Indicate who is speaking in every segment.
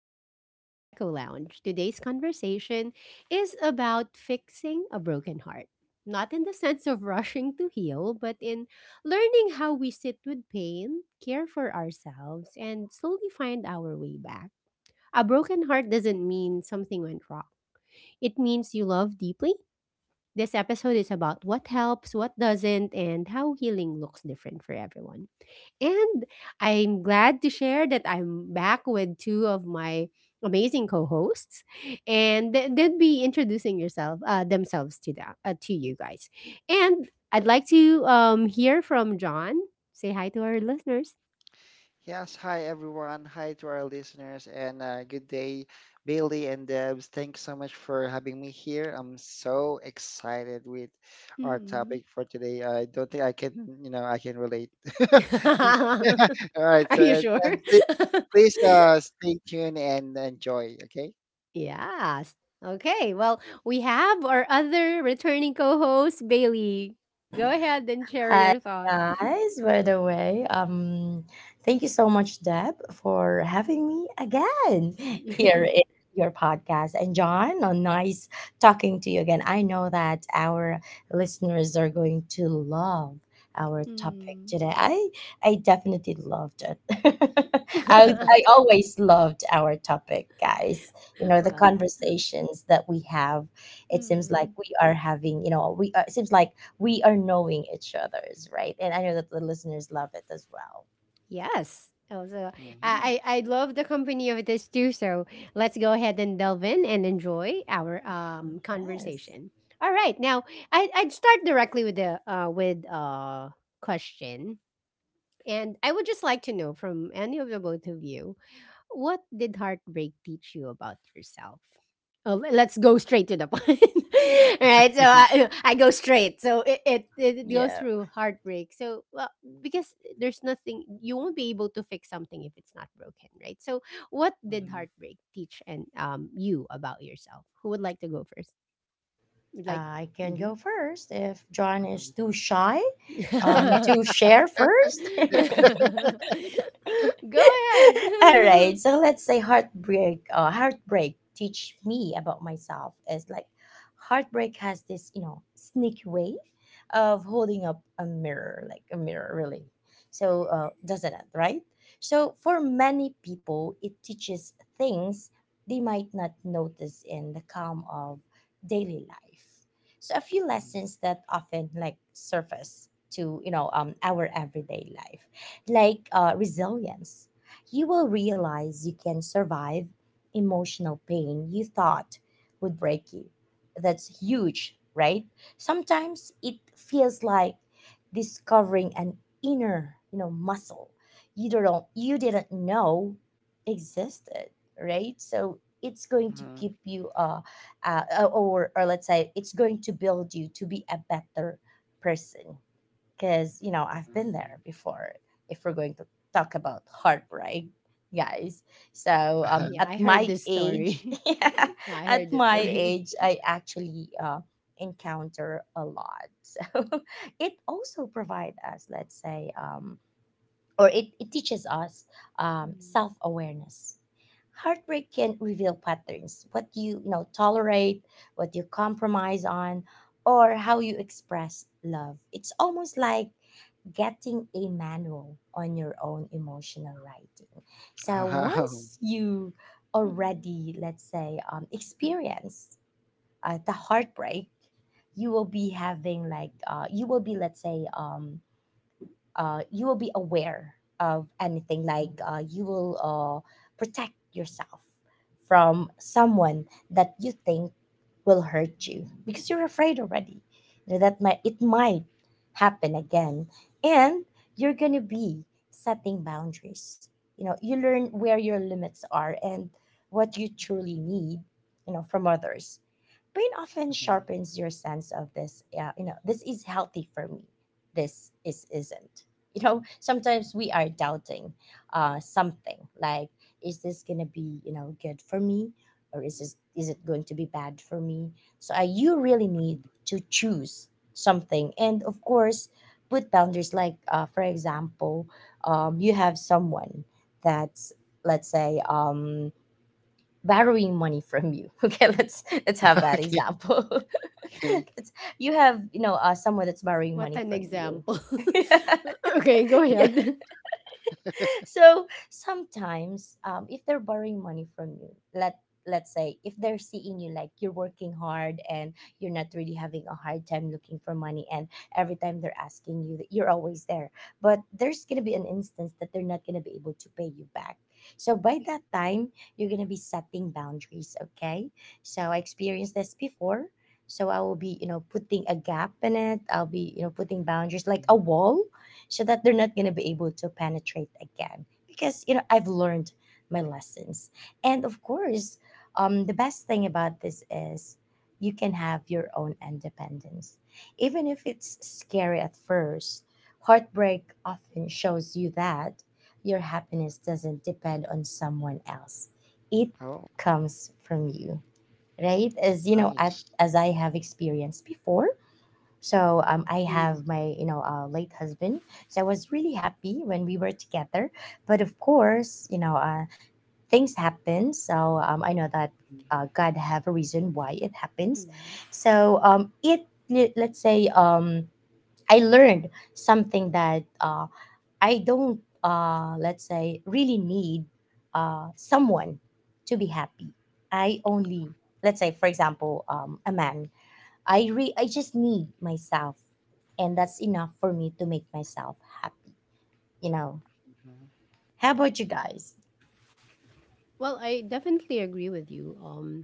Speaker 1: Welcome back to Echo Lounge. Today's conversation is about fixing a broken heart. Not in the sense of rushing to heal, but in learning how we sit with pain, care for ourselves, and slowly find our way back. A broken heart doesn't mean something went wrong, it means you love deeply. This episode is about what helps, what doesn't, and how healing looks different for everyone. And I'm glad to share that I'm back with two of my amazing co-hosts, and they will be introducing yourself themselves to that to you guys. And I'd like to hear from John. Say hi to our listeners.
Speaker 2: Yes, hi everyone. Hi to our listeners and good day, Bailey and Debs. Thanks so much for having me here. I'm so excited with our
Speaker 1: Mm.
Speaker 2: topic for today. I don't think I can, I can relate. Yeah. All right. So,
Speaker 1: Are you sure?
Speaker 2: and please, please stay tuned and enjoy, okay?
Speaker 1: Yes. Okay. Well, we have our other returning co-host Bailey. Go ahead and share
Speaker 3: Hi
Speaker 1: your thoughts.
Speaker 3: guys, by the way, thank you so much, Deb, for having me again here in your podcast. And John, oh, nice talking to you again. I know that our listeners are going to love our topic
Speaker 1: Mm.
Speaker 3: today. I definitely loved it. I always loved our topic, guys. You know the
Speaker 1: Well,
Speaker 3: conversations that we have. It seems like
Speaker 1: mm,
Speaker 3: we are having. You know, it seems like we are knowing each other's, right? And I know that the listeners love it as well.
Speaker 1: yes. Also,
Speaker 2: Mm-hmm.
Speaker 1: I love the company of this too. So let's go ahead and delve in and enjoy our
Speaker 3: Yes.
Speaker 1: conversation. All right, now I'd start directly with the with question, and I would just like to know from any of the both of you, what did heartbreak teach you about yourself? Oh, let's go straight to the point. All right, so I go straight. So it goes
Speaker 3: Yeah.
Speaker 1: through heartbreak. So well, because there's nothing you won't be able to fix something if it's not broken, right? So what did
Speaker 2: Mm-hmm.
Speaker 1: heartbreak teach and you about yourself? Who would like to go first? Would like.
Speaker 3: I can
Speaker 1: Mhm.
Speaker 3: go first if John is
Speaker 2: Mm-hmm.
Speaker 3: too shy to share first.
Speaker 1: Go ahead.
Speaker 3: All right. So let's say heartbreak. Heartbreak teach me about myself is like heartbreak has this you know sneaky way of holding up a mirror, like a mirror, really. So doesn't it, right? So for many people, it teaches things they might not notice in the calm of daily life. So a few lessons that often like surface to you know our everyday life like resilience, you will realize you can survive emotional pain you thought would break you. That's huge, right? Sometimes it feels like discovering an inner, you know, muscle you didn't know existed, right? So it's going
Speaker 2: Mm-hmm.
Speaker 3: to
Speaker 2: Mm-hmm. Wow.
Speaker 3: keep you or let's say it's going to build you to be a better person, because you know I've been there before. If we're going to talk about heartbreak, guys, so
Speaker 1: Yeah, I
Speaker 3: at
Speaker 1: heard
Speaker 3: my
Speaker 1: this
Speaker 3: age,
Speaker 1: story.
Speaker 3: yeah,
Speaker 1: Yeah, I
Speaker 3: at
Speaker 1: heard this
Speaker 3: my
Speaker 1: story.
Speaker 3: age, I actually encounter a lot. So it also provides us, let's say, or it teaches us self
Speaker 1: Mm.
Speaker 3: awareness. Heartbreak can reveal patterns, what you know, tolerate, what you compromise on, or how you express love. It's almost like getting a manual on your own emotional writing. So
Speaker 2: Mhm.
Speaker 3: once you
Speaker 1: Mhm.
Speaker 3: already, let's say, experience the heartbreak, you will be having like you will be let's say you will be aware of anything like you will protect yourself from someone that you think will hurt you because you're afraid already. You know, that might it might happen again, and you're gonna be setting boundaries, you know, you learn where your limits are and what you truly need, you know, from others. Pain often sharpens your sense of this. Yeah, you know, this is healthy for me, this is isn't. You know, sometimes we are doubting something like, is this gonna be, you know, good for me, or is it going to be bad for me? So you really
Speaker 2: Mhm.
Speaker 3: need to choose something, and of course put boundaries, like for example, you have someone that's let's say borrowing money from you. Okay, let's have that
Speaker 2: Okay.
Speaker 3: example.
Speaker 2: Okay.
Speaker 3: Let's- you have, you know, someone that's borrowing
Speaker 1: What
Speaker 3: money
Speaker 1: an
Speaker 3: from you.
Speaker 1: example. Okay, go
Speaker 3: Yeah,
Speaker 1: ahead.
Speaker 3: so sometimes, if they're borrowing money from you, let's say if they're seeing you like you're working hard and you're not really having a hard time looking for money, and every time they're asking you that you're always there, but there's going to be an instance that they're not going to be able to pay you back. So by that time you're going to be setting boundaries, okay? So I experienced this before, so I will be, you know, putting a gap in it, I'll be, you know, putting boundaries like a
Speaker 2: Mhm.
Speaker 3: wall so that they're not going to be able to penetrate again, because you know I've learned my lessons. And of course, the best thing about this is you can have your own independence. Even if it's scary at first, heartbreak often shows you that your happiness doesn't depend on someone else, it
Speaker 2: Oh,
Speaker 3: comes from you. Right, as you know
Speaker 2: nice.
Speaker 3: as I have experienced before. So I have
Speaker 1: Mm,
Speaker 3: my, you know, late husband. So I was really happy when we were together. But of course, you know, things happen. So I know that God have a reason why it happens.
Speaker 1: mm.
Speaker 3: So let's say, I learned something, that I don't, let's say, really need someone to be happy. I only, let's say, for example, a man. I just need myself, and that's enough for me to make myself happy. You know. How about you guys?
Speaker 1: Well, I definitely agree with you.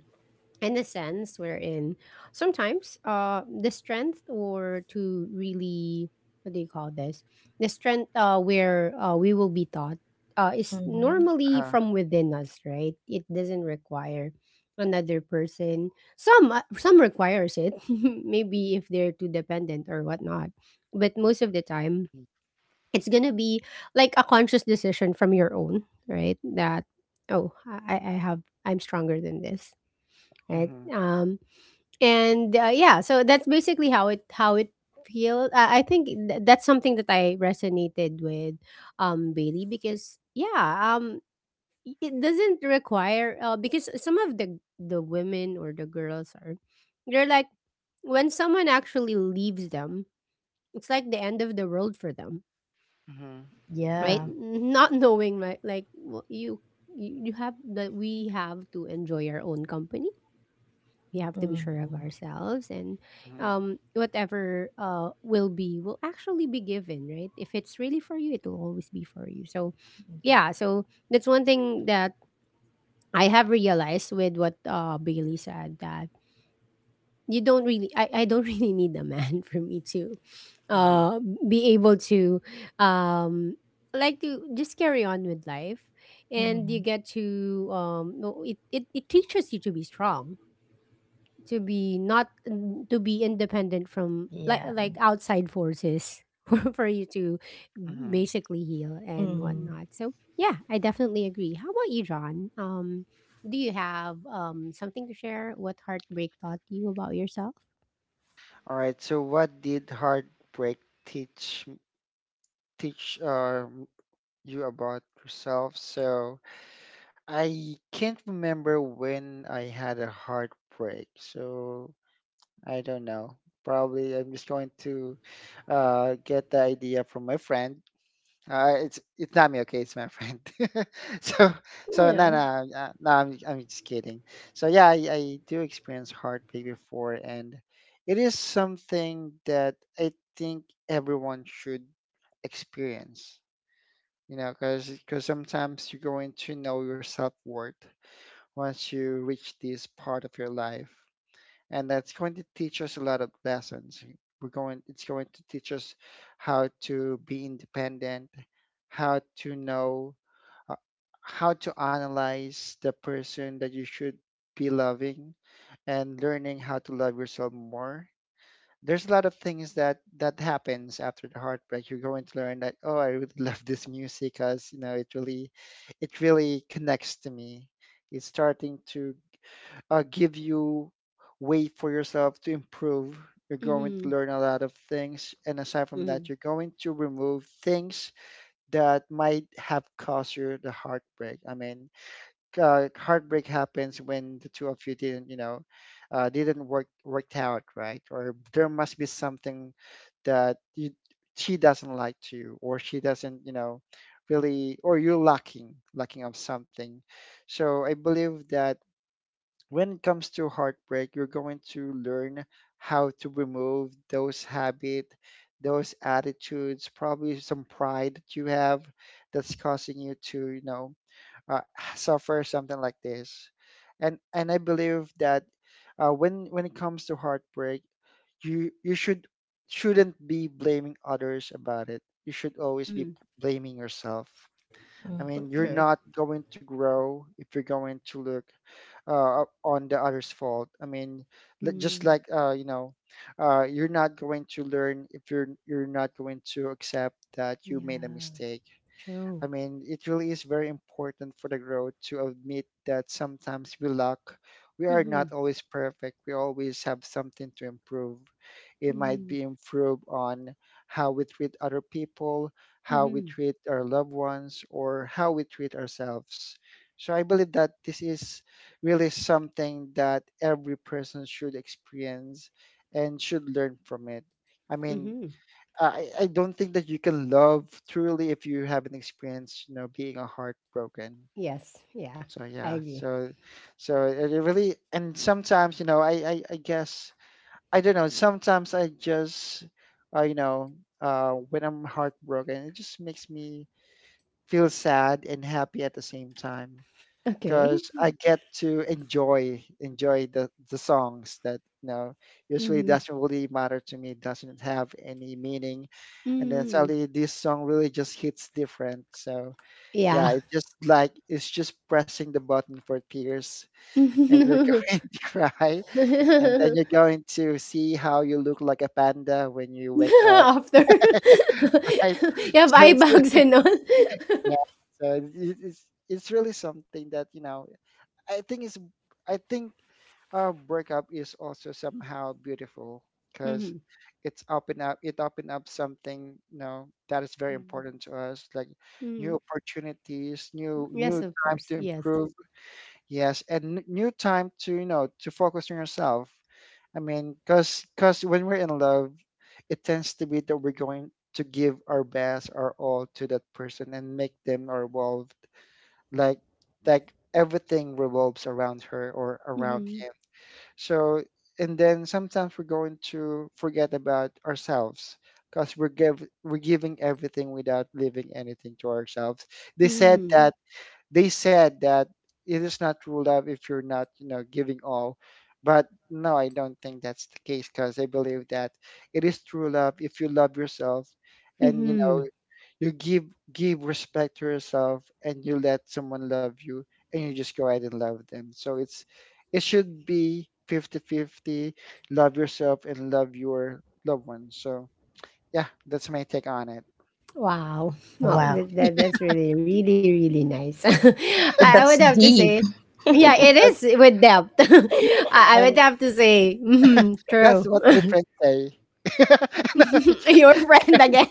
Speaker 1: In the sense wherein sometimes the strength or to really what do you call this, the strength where we will be taught is
Speaker 3: Mm-hmm.
Speaker 1: normally
Speaker 2: Uh,
Speaker 1: from within us, right? It doesn't require another person. Some some requires it maybe if they're too dependent or whatnot, but most of the time
Speaker 2: mhm,
Speaker 1: it's gonna be like a conscious decision from your own, right? That oh I have, I'm stronger than this, right? And yeah, so that's basically how it feels. I think that's something that I resonated with, Bailey, because yeah, it doesn't require because some of the women or the girls are, they're like, when someone actually leaves them, it's like the end of the world for them,
Speaker 2: mhm, mhm,
Speaker 1: right?
Speaker 3: Yeah.
Speaker 2: mhm,
Speaker 1: Not knowing, right? Like, well, you have that, we have to enjoy our own company, we have to be sure of
Speaker 3: Mm-hmm.
Speaker 1: ourselves, and whatever will be, will actually be given, right? If it's really for you it will always be for you. So
Speaker 3: Yeah.
Speaker 1: yeah, so that's one thing that I have realized with what Bailey said, that you don't really, I don't really need a man for me to
Speaker 2: mhm,
Speaker 1: uh, be able to um, like to just carry on with life. And
Speaker 3: Mm-hmm.
Speaker 1: you get to no, it teaches you to be strong, to be not, to be independent from
Speaker 3: Yeah.
Speaker 1: like outside forces for you to
Speaker 2: mhm.
Speaker 1: basically heal and
Speaker 3: Mm-hmm.
Speaker 1: whatnot. So yeah, I definitely agree. How about you, John? Do you have something to share? What heartbreak taught you about yourself?
Speaker 2: All right. So, what did heartbreak teach teach you about yourself? So, I can't remember when I had a heartbreak. So, I don't know. Probably, I'm just going to get the idea from my friend. It's not me, okay? It's my friend. so so no no
Speaker 3: Yeah.
Speaker 2: uh, no, I'm just kidding. So yeah, I do experience heartbreak before, and it is something that I think everyone should experience. You know, because sometimes you're going to know your self worth once you reach this part of your life, and that's going to teach us a lot of lessons. We're going it's going to teach us how to be independent, how to know uh, how to analyze the person that you should be loving and learning how to love yourself more. There's a lot of things that happens after the heartbreak. You're going to learn that oh, I really love this music because you know it really connects to me. It's starting to give you way for yourself to improve. You're going to
Speaker 1: Mm-hmm.
Speaker 2: learn a lot of things, and aside from that,
Speaker 1: Mm-hmm.
Speaker 2: you're going to remove things that might have caused you the heartbreak. I mean, like, heartbreak happens when the two of you didn't, you know, didn't worked out, right? Or there must be something that you, she doesn't like to you, or she doesn't, you know, really, or you're lacking of something. So I believe that when it comes to heartbreak, you're going to learn how to remove those habit, those attitudes, probably some pride that you have that's causing you to, you know, uh, suffer something like this and I believe that when it comes to heartbreak you shouldn't be blaming others about it. You should always be
Speaker 1: Mm-hmm.
Speaker 2: blaming yourself.
Speaker 3: Mm.
Speaker 2: I
Speaker 1: Oh,
Speaker 2: mean, you're
Speaker 1: true.
Speaker 2: not going to grow if you're going to look on the other's fault. I mean, just
Speaker 1: Mm.
Speaker 2: like you know you're not going to learn if you're not going to accept that you made a
Speaker 1: Yeah,
Speaker 2: mistake. I
Speaker 1: true.
Speaker 2: mean, it really is very important for the growth to admit that sometimes we lack. We are not
Speaker 1: Mm-hmm.
Speaker 2: always perfect. We always have something to improve. It might
Speaker 1: Mm-hmm.
Speaker 2: be improve on how we treat other people, how we
Speaker 1: Mm-hmm.
Speaker 2: treat our loved ones, or how we treat ourselves. So I believe that this is really something that every person should experience and should learn from it. I mean,
Speaker 1: Mm-hmm.
Speaker 2: uh, I don't think that you can love truly if you haven't experienced, you know, being a heartbroken.
Speaker 1: Yes, yeah.
Speaker 2: So
Speaker 1: I
Speaker 2: yeah,
Speaker 1: agree.
Speaker 2: so so it really. And sometimes, you know, I guess I don't know, sometimes I just you know, when I'm heartbroken, it just makes me feel sad and happy at the same time
Speaker 1: Okay.
Speaker 2: because I get to enjoy the songs that, you know, usually
Speaker 1: Mm-hmm.
Speaker 2: doesn't really matter to me, doesn't have any meaning, and then
Speaker 1: Mm-hmm.
Speaker 2: suddenly this song really just hits different. So
Speaker 1: Yeah.
Speaker 2: yeah, it just like it's just pressing the button for tears, and you're
Speaker 1: After
Speaker 2: going to cry, and then you're going to see how you look like a panda when you
Speaker 1: you
Speaker 2: wake up. Right?
Speaker 3: What a good
Speaker 1: have
Speaker 2: So
Speaker 1: eye
Speaker 2: it's,
Speaker 3: example.
Speaker 1: bags and all.
Speaker 2: yeah, so it's it's really something that you know I think is I think breakup is also somehow beautiful because
Speaker 1: Mhm.
Speaker 2: it's open up it open up something you know that is very
Speaker 1: Mhm.
Speaker 2: important to us, like
Speaker 1: Mhm.
Speaker 2: new opportunities, new
Speaker 1: Yes, of
Speaker 2: time
Speaker 1: course.
Speaker 2: to
Speaker 1: Yes.
Speaker 2: improve. Yes, and n- new time to you know to focus on yourself. I mean, because when we're in love it tends to be that we're going to give our best our all to that person and make them revolve, like like everything revolves around her or around
Speaker 1: Mhm.
Speaker 2: him. So, and then sometimes we're going to forget about ourselves because we're giving everything without leaving anything to ourselves. They said Mm.
Speaker 1: Mhm.
Speaker 2: that they said that it is not true love if you're not you know giving all, but no I don't think that's the case, because I believe that it is true love if you love yourself, and you know
Speaker 1: Mhm.
Speaker 2: you give respect to yourself and you let someone love you and you just go ahead and love them. So it's it should be fifty-fifty, love yourself and love your loved one. So yeah, that's my take on it.
Speaker 1: Wow. Wow.
Speaker 3: Wow,
Speaker 1: That's really, really, really nice. I would
Speaker 3: that's
Speaker 1: have to
Speaker 3: deep.
Speaker 1: say, yeah, it
Speaker 2: That's,
Speaker 1: is with depth. I
Speaker 2: and
Speaker 1: would have to say, mhm,
Speaker 2: that's
Speaker 1: true.
Speaker 2: what my friends say.
Speaker 1: Your friend again.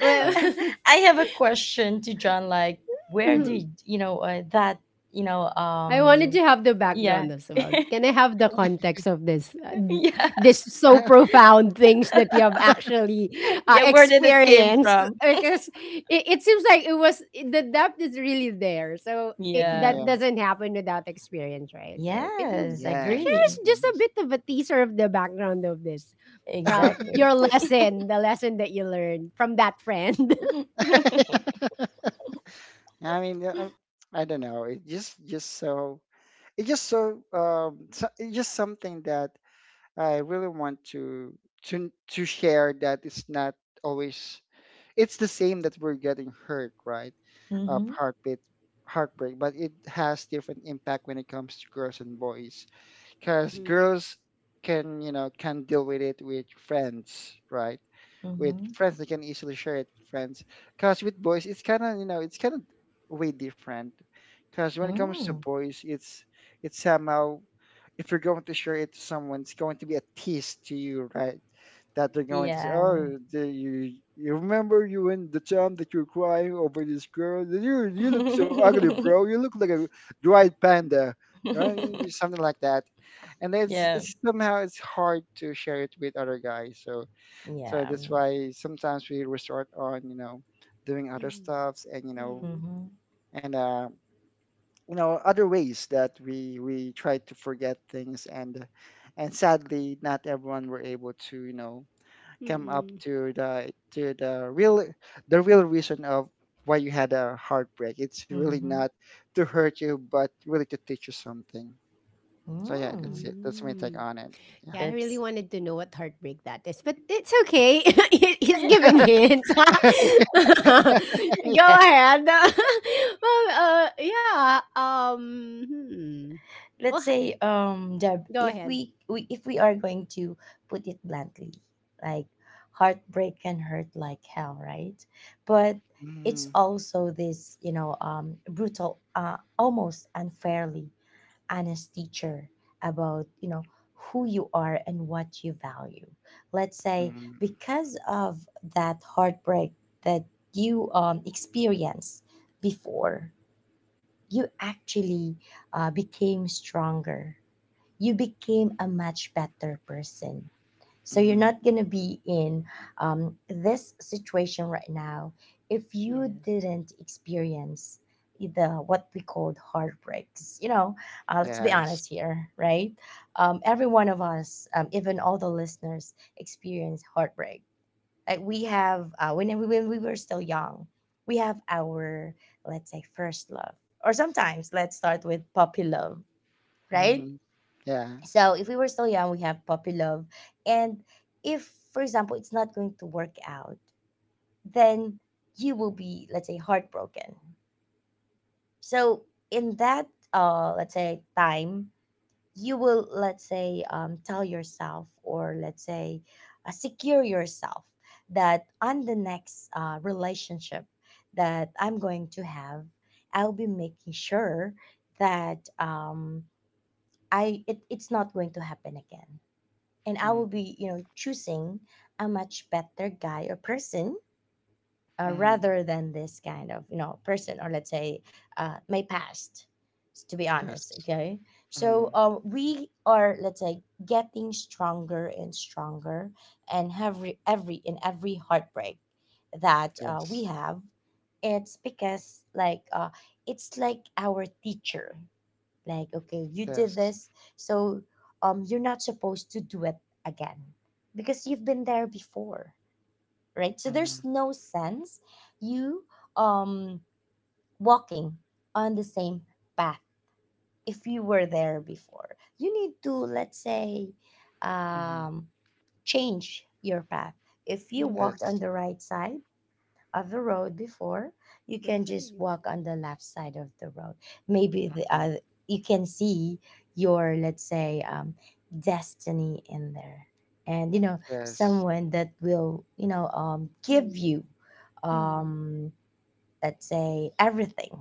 Speaker 1: Well,
Speaker 2: Right.
Speaker 3: I have a question to John. Like, where
Speaker 2: hmm
Speaker 3: did you know that? You know,
Speaker 1: I wanted to have the
Speaker 3: yeah,
Speaker 1: background as well. Can I have the context of this,
Speaker 3: yeah,
Speaker 1: this so profound things that you have actually
Speaker 3: yeah. Where did it came
Speaker 1: experienced?
Speaker 3: from?
Speaker 1: Because it seems like it was the depth is really there. So it,
Speaker 2: hmm
Speaker 3: Yeah.
Speaker 1: that
Speaker 2: Yeah.
Speaker 1: doesn't happen without experience, right? So can you
Speaker 3: Yes,
Speaker 2: Yes.
Speaker 1: share us
Speaker 2: it
Speaker 3: agree.
Speaker 1: just a
Speaker 2: is.
Speaker 1: bit of a teaser of the background of this,
Speaker 3: Exactly.
Speaker 1: your lesson, the lesson that you learned from that friend?
Speaker 2: I mean, yeah, I don't know. It just so it just so so, it's just something that I really want to to share that it's not always it's the same that we're getting hurt, right? Of
Speaker 3: Mm-hmm.
Speaker 2: heartbeat heartbreak, but it has different impact when it comes to girls and boys, because
Speaker 1: Mm-hmm.
Speaker 2: girls can you know can deal with it with friends, right? With
Speaker 3: Mm-hmm.
Speaker 2: friends they can easily share it with friends, because with boys it's kind of you know it's kind of way different. Because when it comes to
Speaker 3: Mm.
Speaker 2: boys it's somehow if you're going to share it to someone it's going to be a tease to you, right? That they're going to say
Speaker 3: Yeah.
Speaker 2: oh the, you remember you in the time that you were crying over this girl, you look so ugly bro, you look like a dried panda, right? Something like that. And
Speaker 3: Yeah. Yeah.
Speaker 2: it's somehow it's hard to share it with other guys, so so that's why sometimes we resort on, you know, doing other stuffs
Speaker 1: Mm-hmm.
Speaker 3: Mm-hmm.
Speaker 2: and, you know, other ways that we try to forget things, and sadly, not everyone were able to, you know, come up
Speaker 1: Mm-hmm.
Speaker 2: to to the real reason of why you had a heartbreak. It's really
Speaker 3: Mm-hmm.
Speaker 2: not to hurt you, but really to teach you something. So yeah, that's
Speaker 3: Mm.
Speaker 2: it. That's my take
Speaker 1: Mm-hmm.
Speaker 2: on it. Yeah.
Speaker 1: Yeah, I really
Speaker 3: That's
Speaker 1: wanted to know what heartbreak that is, but it's okay. He's giving hints. Go ahead. Well, yeah. Hmm. Well,
Speaker 3: let's say Deb,
Speaker 1: go
Speaker 3: if
Speaker 1: ahead.
Speaker 3: we are going to put it bluntly, like heartbreak can hurt like hell, right? But it's
Speaker 2: Mm-hmm.
Speaker 3: also this, you know, brutal, almost unfairly honest teacher about, you know, who you are and what you value. Let's say because of that heartbreak that you experienced before, you actually became stronger. You became a much better person. So you're
Speaker 2: Mm-hmm.
Speaker 3: not going to be in this situation right now if you
Speaker 1: Yes.
Speaker 3: didn't experience the what we called heartbreaks. You know, let's be
Speaker 2: Yes.
Speaker 3: honest here, right? Every one of us, even all the listeners, experience heartbreak. Like we have when when we were still young, we have our let's say first love, or sometimes let's start with puppy love, right?
Speaker 2: Mm-hmm. Yeah.
Speaker 3: So if we were still young we have puppy love, and if for example it's not going to work out, then you will be let's say heartbroken. So in that let's say time, you will let's say tell yourself, or let's say secure yourself that on the next relationship that I'm going to have, I'll be making sure that I it's not going to happen again, and I
Speaker 2: Mm,
Speaker 3: will be you know choosing a much better guy or person,
Speaker 2: mm,
Speaker 3: rather than this kind of you know person, or let's say my past to be
Speaker 2: yes,
Speaker 3: honest, okay?
Speaker 2: mm,
Speaker 3: So we are let's say getting stronger and stronger. And every heartbreak that
Speaker 2: yes,
Speaker 3: we have, it's because like it's like our teacher, like okay you did
Speaker 2: yes,
Speaker 3: this, so you're not supposed to do it again because you've been there before, right? So there's
Speaker 2: mm,
Speaker 3: no sense you um walking on the same path if you were there before. You need to let's say
Speaker 2: mm,
Speaker 3: um change your path. If you
Speaker 1: Mm.
Speaker 3: walked on
Speaker 2: yes,
Speaker 3: the right side of the road before, you
Speaker 1: Good
Speaker 3: can
Speaker 1: for
Speaker 3: just
Speaker 1: you.
Speaker 3: walk on the left side of the road. Maybe the,
Speaker 2: mm,
Speaker 3: you can see your, let's say, destiny in there. And, you know,
Speaker 2: yes,
Speaker 3: someone that will, you know, give
Speaker 1: Mm.
Speaker 3: you,
Speaker 1: Mm.
Speaker 3: um, let's say, everything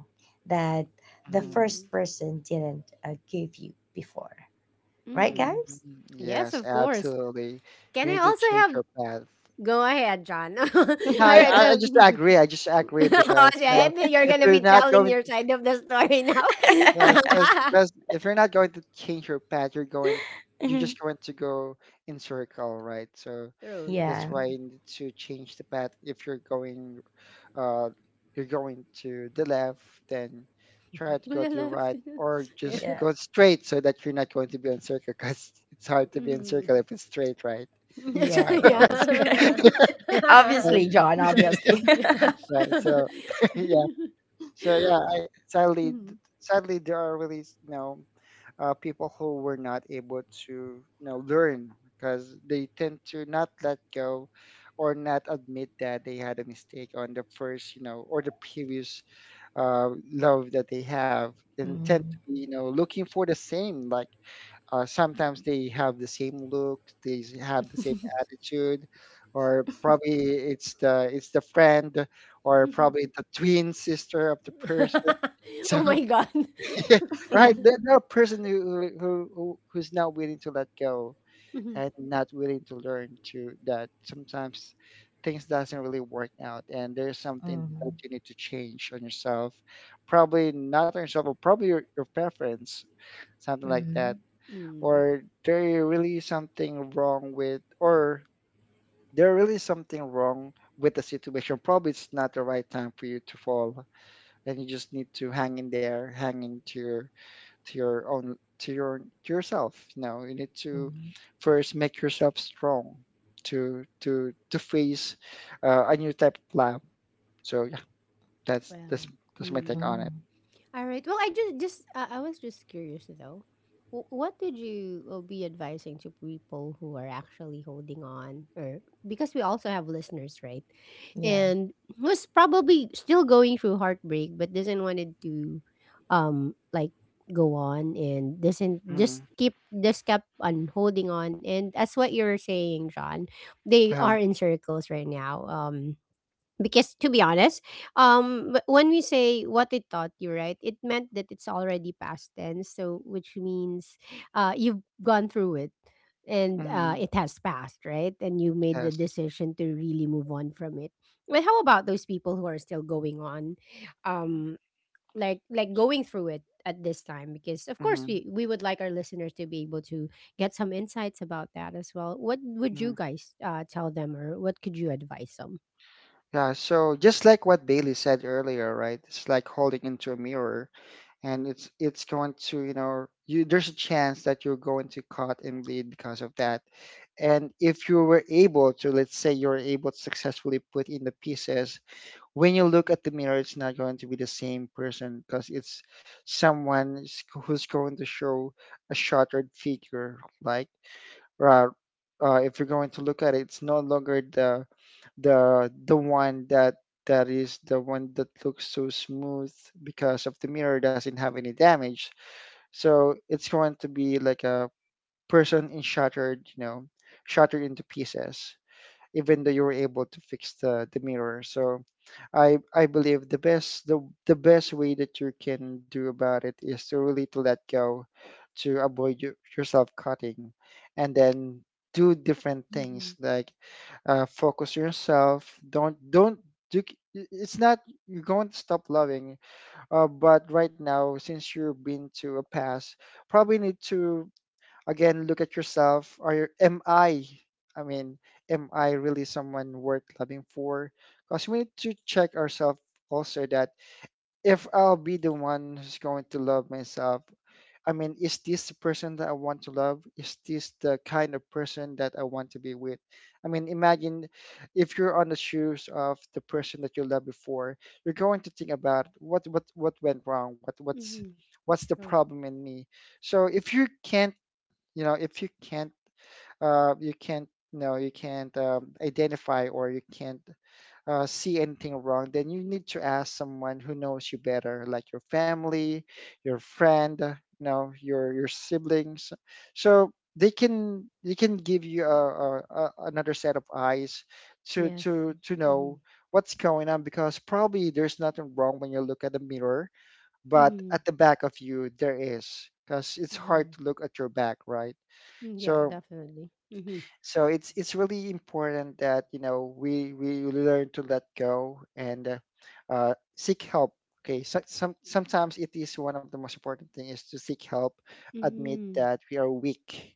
Speaker 3: that the
Speaker 2: mm,
Speaker 1: Mm.
Speaker 3: first person didn't give you before. Right,
Speaker 2: mm,
Speaker 1: Mm.
Speaker 3: guys?
Speaker 2: mm,
Speaker 1: Yes,
Speaker 2: yes,
Speaker 1: of course.
Speaker 2: absolutely.
Speaker 1: Can
Speaker 2: You
Speaker 1: I
Speaker 2: need to
Speaker 1: also
Speaker 2: change
Speaker 1: have?
Speaker 2: your path.
Speaker 1: Go ahead, John. All
Speaker 2: No, I,
Speaker 1: right.
Speaker 2: I I
Speaker 1: So,
Speaker 2: just agree. I just agree
Speaker 1: oh,
Speaker 2: because you
Speaker 1: yeah,
Speaker 2: know
Speaker 1: and you're
Speaker 2: if
Speaker 1: gonna
Speaker 2: you're
Speaker 1: be
Speaker 2: not
Speaker 1: telling
Speaker 2: going,
Speaker 1: your side of the story now.
Speaker 2: yes, because if you're not going to change your path, you're just going to go in circle, right? So
Speaker 1: True.
Speaker 2: that's
Speaker 3: Yeah.
Speaker 2: why you need to change the path. If you're going uh, you're going to the left, then try
Speaker 1: To
Speaker 2: to
Speaker 1: the
Speaker 2: go to the
Speaker 1: left,
Speaker 2: right,
Speaker 1: to the,
Speaker 2: or
Speaker 1: yeah.
Speaker 2: just
Speaker 3: Yeah.
Speaker 2: go straight, so that you're not going to be in circle, because it's hard to be in circle
Speaker 1: Mhm.
Speaker 2: if it's straight, right?
Speaker 3: Yeah, yeah, that's great.
Speaker 1: Yeah.
Speaker 2: So
Speaker 3: Obviously, John, obviously.
Speaker 2: yeah, so yeah, so yeah.
Speaker 1: Oh,
Speaker 2: I,
Speaker 1: mhm.
Speaker 2: sadly, there are really s- you know people who were not able to you know learn, because they tend to not let go or not admit that they had a mistake on the first you know or the previous uh, love that they have, and tend to
Speaker 3: Mm.
Speaker 2: be, you know, looking for the same. Like sometimes they have the same look, they s- have the same attitude, or probably it's the friend, or probably the twin sister of the person. So
Speaker 1: Oh my god.
Speaker 2: yeah, right,
Speaker 3: Mhm.
Speaker 2: there are person who who's not willing to let go
Speaker 1: Mhm.
Speaker 2: and not willing to learn to that sometimes things doesn't really work out, and there's something that you need to change on yourself, probably not on yourself but probably your preference, something like that.
Speaker 3: Mhm.
Speaker 1: Mm.
Speaker 2: Or there really something wrong with or there really something wrong with the situation, probably it's not the right time for you to fall, and you just need to hang in there, hang into to your own to your to yourself, you know you need to
Speaker 3: Mhm.
Speaker 2: first make yourself strong to to face a new type of lab. So yeah, that's
Speaker 1: Well,
Speaker 2: that's my take
Speaker 1: mm.
Speaker 2: on it.
Speaker 3: Mhm.
Speaker 1: All right. Well, I just I was just curious though. What would you be advising to people who are actually holding on, or because we also have listeners, right?
Speaker 3: Yeah.
Speaker 1: And who's probably still going through heartbreak, but doesn't wanted to, like, go on and doesn't
Speaker 2: Mhm.
Speaker 1: just keep just kept on holding on. And that's what you're saying, John. They are
Speaker 2: yeah
Speaker 1: in circles right now. Because to be honest, when we say what it taught you, right, it meant that it's already past tense, so which means you've gone through it, and
Speaker 2: hmm
Speaker 1: it has passed, right? And you made the
Speaker 2: yes
Speaker 1: decision to really move on from it. But how about those people who are still going on, um like going through it at this time? Because of course,
Speaker 2: hmm
Speaker 1: we would like our listeners to be able to get some insights about that as well. What would
Speaker 2: hmm
Speaker 1: you guys tell them, or what could you advise them?
Speaker 2: yeah. So just like what Bailey said earlier, right, it's like holding into a mirror, and it's going to you know you there's a chance that you're going to cut and bleed because of that. And if you were able to, let's say you're able to successfully put in the pieces, when you look at the mirror, it's not going to be the same person, because it's someone s- who's going to show a shattered figure. Like, uh, if you're going to look at it, it's no longer the one that is the one that looks so smooth because of the mirror doesn't have any damage. So it's going to be like a person in shattered, you know, shattered into pieces even though you were able to fix the mirror. So I believe the the best way that you can do about it is to really to let go, to avoid you, yourself cutting, and then do different things
Speaker 1: Mhm.
Speaker 2: like focus yourself. Don't do. C- do It's not you're going to stop loving, but right now since you've been to a past, probably need to again look at yourself. Are you, am I mean am I really someone worth loving for? Because we need to check ourselves also that if I'll be the one who's going to love myself, I mean, is this the person that I want to love? Is this the kind of person that I want to be with? I mean, imagine if you're on the shoes of the person that you loved before, you're going to think about what went wrong,
Speaker 1: Mhm.
Speaker 2: what's the
Speaker 1: True.
Speaker 2: problem in me? So if you can't, you know, if you can't, you can't, you know, you can't, identify, or you can't, see anything wrong, then you need to ask someone who knows you better, like your family, your friend, you know, your siblings, so they can, they can give you a another set of eyes to
Speaker 1: Yes.
Speaker 2: know
Speaker 1: Mhm.
Speaker 2: what's going on, because probably there's nothing wrong when you look at the mirror, but
Speaker 1: Mhm.
Speaker 2: at the back of you there is, because it's hard
Speaker 1: Mhm.
Speaker 2: to look at your back, right?
Speaker 1: Mm, yeah,
Speaker 2: So
Speaker 1: definitely. Mhm.
Speaker 2: so it's really important that, you know, we learn to let go and seek help. Okay, so, sometimes it is, one of the most important thing is to seek help, admit
Speaker 1: Mhm.
Speaker 2: that we are weak,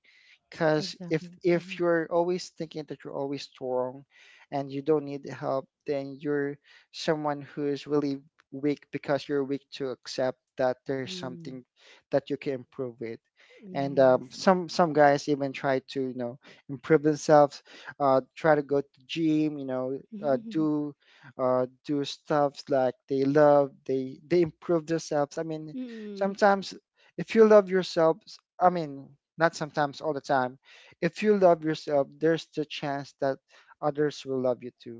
Speaker 2: because if
Speaker 1: Exactly.
Speaker 2: if
Speaker 1: Mhm.
Speaker 2: you're always thinking that you're always strong, and you don't need help, then you're someone who is really weak, because you're weak to accept that there's something
Speaker 1: Mm.
Speaker 2: that you can improve with. And
Speaker 1: Yes.
Speaker 2: some guys even try to, you know, improve themselves, try to go to gym, you know, uh, do do stuff like they love, they improve themselves. I mean,
Speaker 1: Mhm.
Speaker 2: sometimes if you love yourself, I mean, not sometimes, all the time. If you love yourself, there's the chance that others will love you too.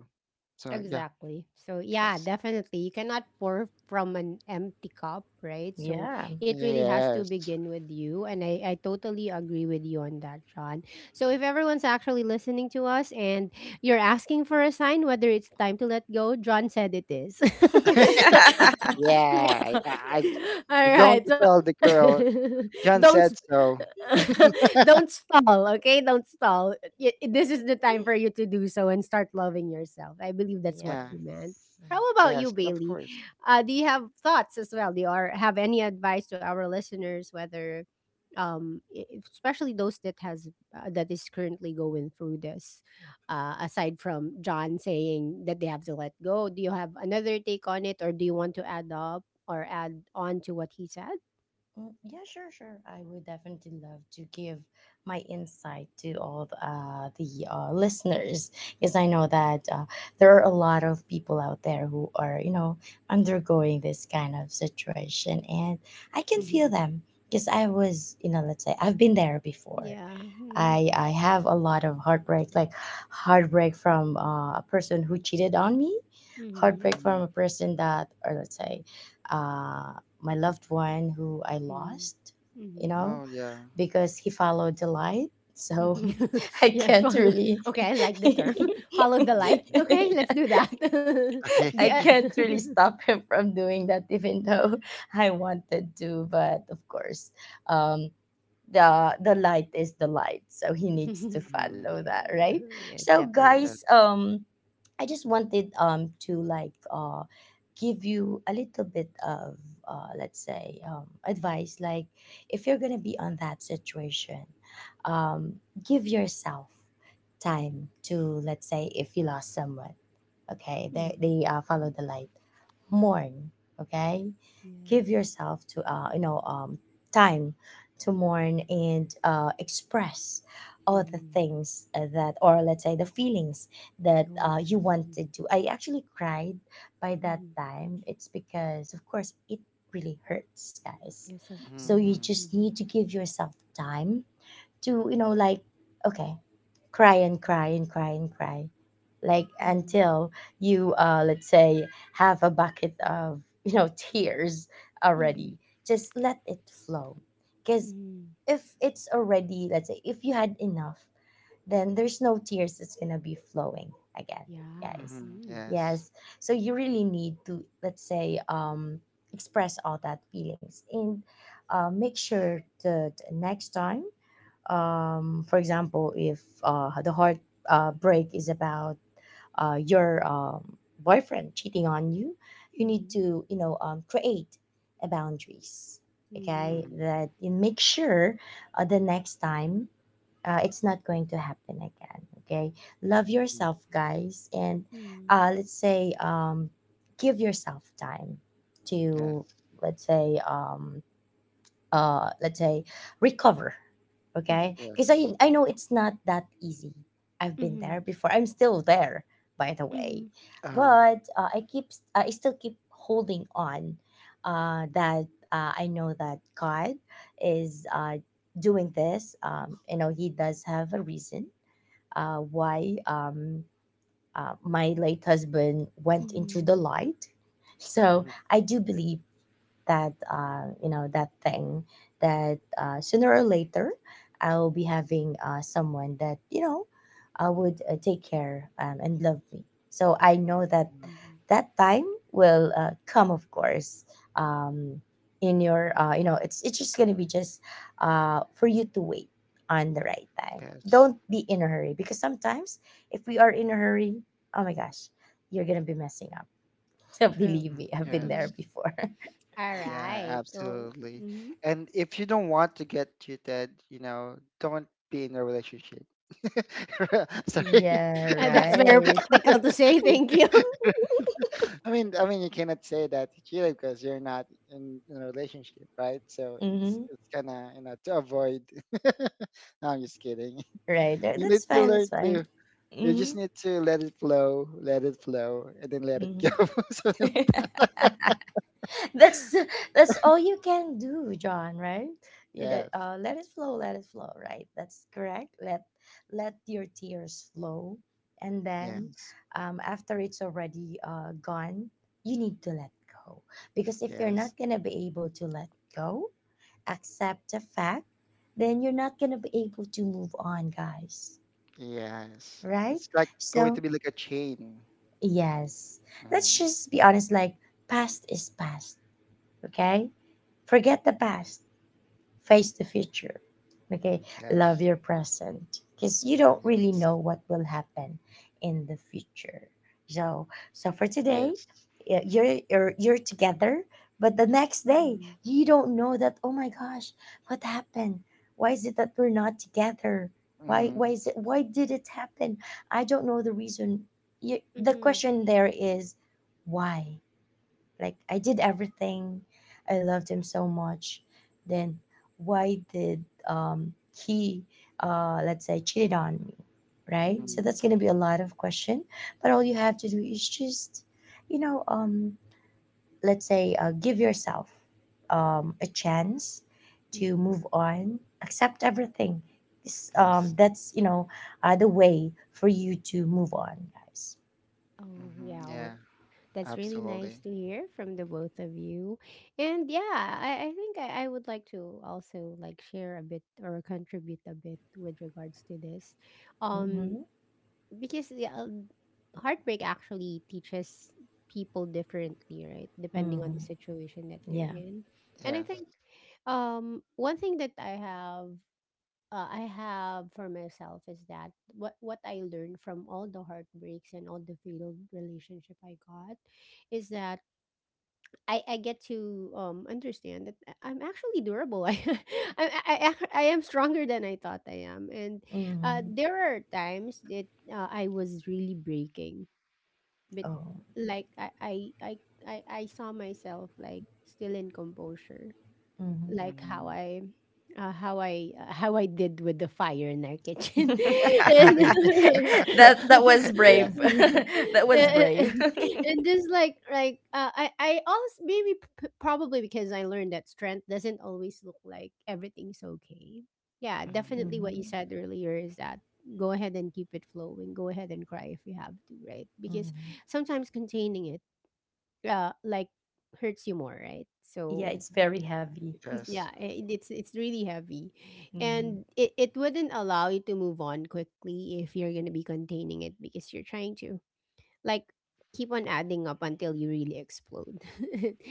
Speaker 2: So yeah,
Speaker 1: Exactly. So yeah,
Speaker 2: yes,
Speaker 1: definitely. You cannot pour from an empty cup, right? So
Speaker 3: Yeah.
Speaker 1: it really has to
Speaker 2: yes,
Speaker 1: begin with you. And I totally agree with you on that, Sean. So if everyone's actually listening to us, and you're asking for a sign whether it's time to let go, John said it is.
Speaker 2: yeah.
Speaker 1: All
Speaker 2: I I'm going
Speaker 1: right.
Speaker 2: to
Speaker 1: So
Speaker 2: tell the girl. John
Speaker 1: don't
Speaker 2: said so.
Speaker 1: don't stall, okay? Don't stall. This is the time for you to do so and start loving yourself. I believe that's what
Speaker 2: Yeah,
Speaker 1: he meant.
Speaker 3: Yes.
Speaker 1: How about you,
Speaker 2: yes, of
Speaker 1: Bailey?
Speaker 2: course.
Speaker 1: Do you have thoughts as well? Do you are, have any advice to our listeners, whether, um, i- especially those that has that is currently going through this? Aside from John saying that they have to let go, do you have another take on it, or do you want to add up or add on to what he said?
Speaker 3: Mm, yeah, sure, sure. I would definitely love to give my insight to all the, listeners, because I know that there are a lot of people out there who are, you know, undergoing this kind of situation, and I can
Speaker 2: Hmm.
Speaker 1: Hmm.
Speaker 3: feel them because I was, you know, let's say I've been there before.
Speaker 1: Yeah. Mm-hmm.
Speaker 3: I have a lot of heartbreak, like heartbreak from a person who cheated on me,
Speaker 1: Mm-hmm.
Speaker 3: heartbreak from a person that, or let's say, uh, my loved one who I
Speaker 1: Mm.
Speaker 3: lost, you
Speaker 1: Mhm.
Speaker 3: know,
Speaker 2: Oh yeah.
Speaker 3: because he followed the light.
Speaker 1: Mhm.
Speaker 3: So I
Speaker 1: Yes,
Speaker 3: can't
Speaker 1: follow,
Speaker 3: really,
Speaker 1: okay, I like the term. Follow the
Speaker 2: Mhm.
Speaker 1: light. Okay, let's do that.
Speaker 2: Okay.
Speaker 1: The
Speaker 3: I can't really stop him from doing that, even though I wanted to. But of course, um the light is the light, so he needs to
Speaker 2: Mm-hmm.
Speaker 3: follow
Speaker 1: yeah.
Speaker 3: that, right?
Speaker 1: Yes,
Speaker 3: So
Speaker 1: definitely.
Speaker 3: guys,
Speaker 2: Yes.
Speaker 3: I just wanted to like give you a little bit of let's say advice, like if you're gonna be on that situation, um give yourself time to, let's say, if you lost someone, okay, they,
Speaker 1: Mhm.
Speaker 3: they uh, follow the light,
Speaker 2: Mm-hmm.
Speaker 3: mourn, okay. Give
Speaker 1: Yes.
Speaker 3: yourself to, time to mourn and express all the
Speaker 1: Mhm.
Speaker 3: things that, or let's say the feelings that
Speaker 1: Oh,
Speaker 3: you
Speaker 1: yes.
Speaker 3: wanted
Speaker 1: Mhm.
Speaker 3: to. I actually cried by that
Speaker 1: Mhm.
Speaker 3: time. It's because of course it really hurts, guys.
Speaker 1: Yes, of
Speaker 3: So you
Speaker 2: Mm-hmm.
Speaker 1: course.
Speaker 3: just
Speaker 1: Mhm.
Speaker 3: need to give yourself time to, you know, like okay, cry and cry and cry and cry like
Speaker 1: Mhm.
Speaker 3: until you let's say have a bucket of, you know, tears already.
Speaker 1: Mhm.
Speaker 2: Mm-hmm.
Speaker 3: Just let it flow, because
Speaker 1: Mhm.
Speaker 3: if it's already, let's say if you had enough, then there's no tears that's gonna be flowing again,
Speaker 1: Yeah.
Speaker 3: guys.
Speaker 2: Mm-hmm.
Speaker 1: Mhm.
Speaker 2: Yes.
Speaker 3: Yes. So you really need to, let's say, express all that feelings, and make sure that next time, for example, if the heart break is about your boyfriend cheating on you, you need to, you know, create a boundaries. Okay,
Speaker 1: Mhm.
Speaker 2: Mm-hmm.
Speaker 3: that you make sure the next time it's not going to happen again. Okay, love
Speaker 2: Mm-hmm.
Speaker 3: yourself, guys, and
Speaker 1: Mhm.
Speaker 3: let's say, give yourself time to,
Speaker 2: Yes.
Speaker 3: let's say, let's say recover.
Speaker 1: Mhm.
Speaker 3: Okay,
Speaker 1: Mhm.
Speaker 3: because I,
Speaker 2: Yes.
Speaker 3: I know it's not that easy. I've been
Speaker 1: Mhm.
Speaker 3: there before. I'm still there, by the way.
Speaker 1: Mhm.
Speaker 2: Uh-huh.
Speaker 3: But I keep, I still keep holding on that I know that God is doing this. You know, he does have a reason why my late husband went into the
Speaker 1: Mhm.
Speaker 3: light. So
Speaker 2: Mm-hmm.
Speaker 3: I do believe that you know, that thing that sooner or later I will be having someone that, you know, I would take care and love me. So I know that
Speaker 2: Mm-hmm.
Speaker 1: Mhm.
Speaker 3: that time will come, of course. Um, in your you know, it's just gonna be just for you to wait on the right time.
Speaker 2: Yes.
Speaker 3: Don't be in a hurry, because sometimes if we are in a hurry, oh my gosh, you're gonna be messing up. So
Speaker 1: True.
Speaker 3: believe
Speaker 2: Mm,
Speaker 3: me, I've been there
Speaker 1: Mm.
Speaker 2: yes.
Speaker 3: before.
Speaker 2: Yeah,
Speaker 1: Alright. Oh,
Speaker 2: absolutely.
Speaker 1: mhm.
Speaker 2: And if you don't want to get cheated, you know, don't be in a relationship. Sorry.
Speaker 3: Yeah,
Speaker 1: That's very
Speaker 3: right.
Speaker 1: practical to say, thank you.
Speaker 2: I mean, you cannot say that you cheated because you're not in a relationship, right? So
Speaker 3: Mm-hmm.
Speaker 2: it's kind of, you know, to avoid. No, I'm just kidding.
Speaker 3: Right. That-
Speaker 2: You need
Speaker 3: That's
Speaker 2: to
Speaker 3: fine.
Speaker 2: learn
Speaker 3: That's fine.
Speaker 2: to. You
Speaker 3: Mm-hmm.
Speaker 2: just need to let it flow, and then let it go. Something like
Speaker 3: Mm-hmm.
Speaker 2: that.
Speaker 3: That's that's all you can do, John, right? You know,
Speaker 2: Yes,
Speaker 3: let it flow, let it flow, right? That's correct. Let, let your tears flow, and then
Speaker 2: yes,
Speaker 3: after it's already gone, you need to let go, because if you're not
Speaker 2: yes,
Speaker 3: gonna be able to let go, accept the fact, then you're not gonna be able to move on, guys,
Speaker 2: yes.
Speaker 3: right?
Speaker 2: It's like going to
Speaker 3: So
Speaker 2: be like a chain.
Speaker 3: yes, let's
Speaker 2: Mm,
Speaker 3: just be honest, like past is past. Okay? Forget the past, face the future. Okay? Love
Speaker 2: yes,
Speaker 3: your present, because you don't really
Speaker 2: yes,
Speaker 3: know what will happen in the future. So, so for today,
Speaker 2: yes.
Speaker 3: you're together, but the next day,
Speaker 1: Mhm.
Speaker 3: you don't know that, oh my gosh, what happened? Why is it that we're not together? Why
Speaker 2: Mm,
Speaker 3: why is it, why did it happen? I don't know the reason. You, the
Speaker 1: Mhm.
Speaker 3: question there is why? Like I did everything. I loved him so much. Then why did he let's say cheated on me? Right? So
Speaker 2: mm,
Speaker 1: Mhm.
Speaker 3: that's gonna be a lot of question. But all you have to do is just, you know, let's say give yourself a chance to
Speaker 1: Mhm.
Speaker 3: move on, accept everything. This,
Speaker 2: yes.
Speaker 3: that's, you know, the way for you to move on, guys.
Speaker 1: Oh,
Speaker 2: Hmm,
Speaker 1: yeah. Well,
Speaker 2: yeah,
Speaker 1: that's really nice
Speaker 2: absolutely.
Speaker 1: to hear from the both of you. And yeah, I think I would like to also like share a bit or contribute a bit with regards to this. Um
Speaker 3: Mm-hmm.
Speaker 1: Because yeah, heartbreak actually teaches people differently, right? Depending on
Speaker 3: Mm-hmm.
Speaker 1: the situation that they're
Speaker 3: Yeah.
Speaker 1: in. And I
Speaker 2: Yes.
Speaker 1: think one thing that I have for myself is that what I learned from all the heartbreaks and all the failed relationship I got is that, I get to understand that I'm actually durable. I am stronger than I thought I am. And
Speaker 3: Mm-hmm.
Speaker 1: there are times that I was really breaking, but
Speaker 3: Oh.
Speaker 1: like I, I saw myself like still in composure
Speaker 3: Mm-hmm.
Speaker 1: like how
Speaker 2: Mm.
Speaker 1: I how I did with the fire in our kitchen. And,
Speaker 3: That, that was
Speaker 2: Yeah,
Speaker 3: brave. That was
Speaker 2: yeah.
Speaker 3: brave.
Speaker 1: and, and just like I also maybe probably because I learned that strength doesn't always look like everything's okay. Yeah,
Speaker 2: Hmm.
Speaker 1: definitely what you
Speaker 3: Mhm,
Speaker 1: said earlier is that, go ahead and keep it flowing. Go ahead and cry if you have to, right? Because
Speaker 3: mhm.
Speaker 1: sometimes containing it like hurts you more, right?
Speaker 3: Yeah,
Speaker 1: So
Speaker 3: it's very heavy.
Speaker 2: Yes,
Speaker 1: yeah, it's really heavy.
Speaker 3: Mhm.
Speaker 1: And it wouldn't allow you to move on quickly if you're gonna be containing it because you're trying to like keep on adding up until you really explode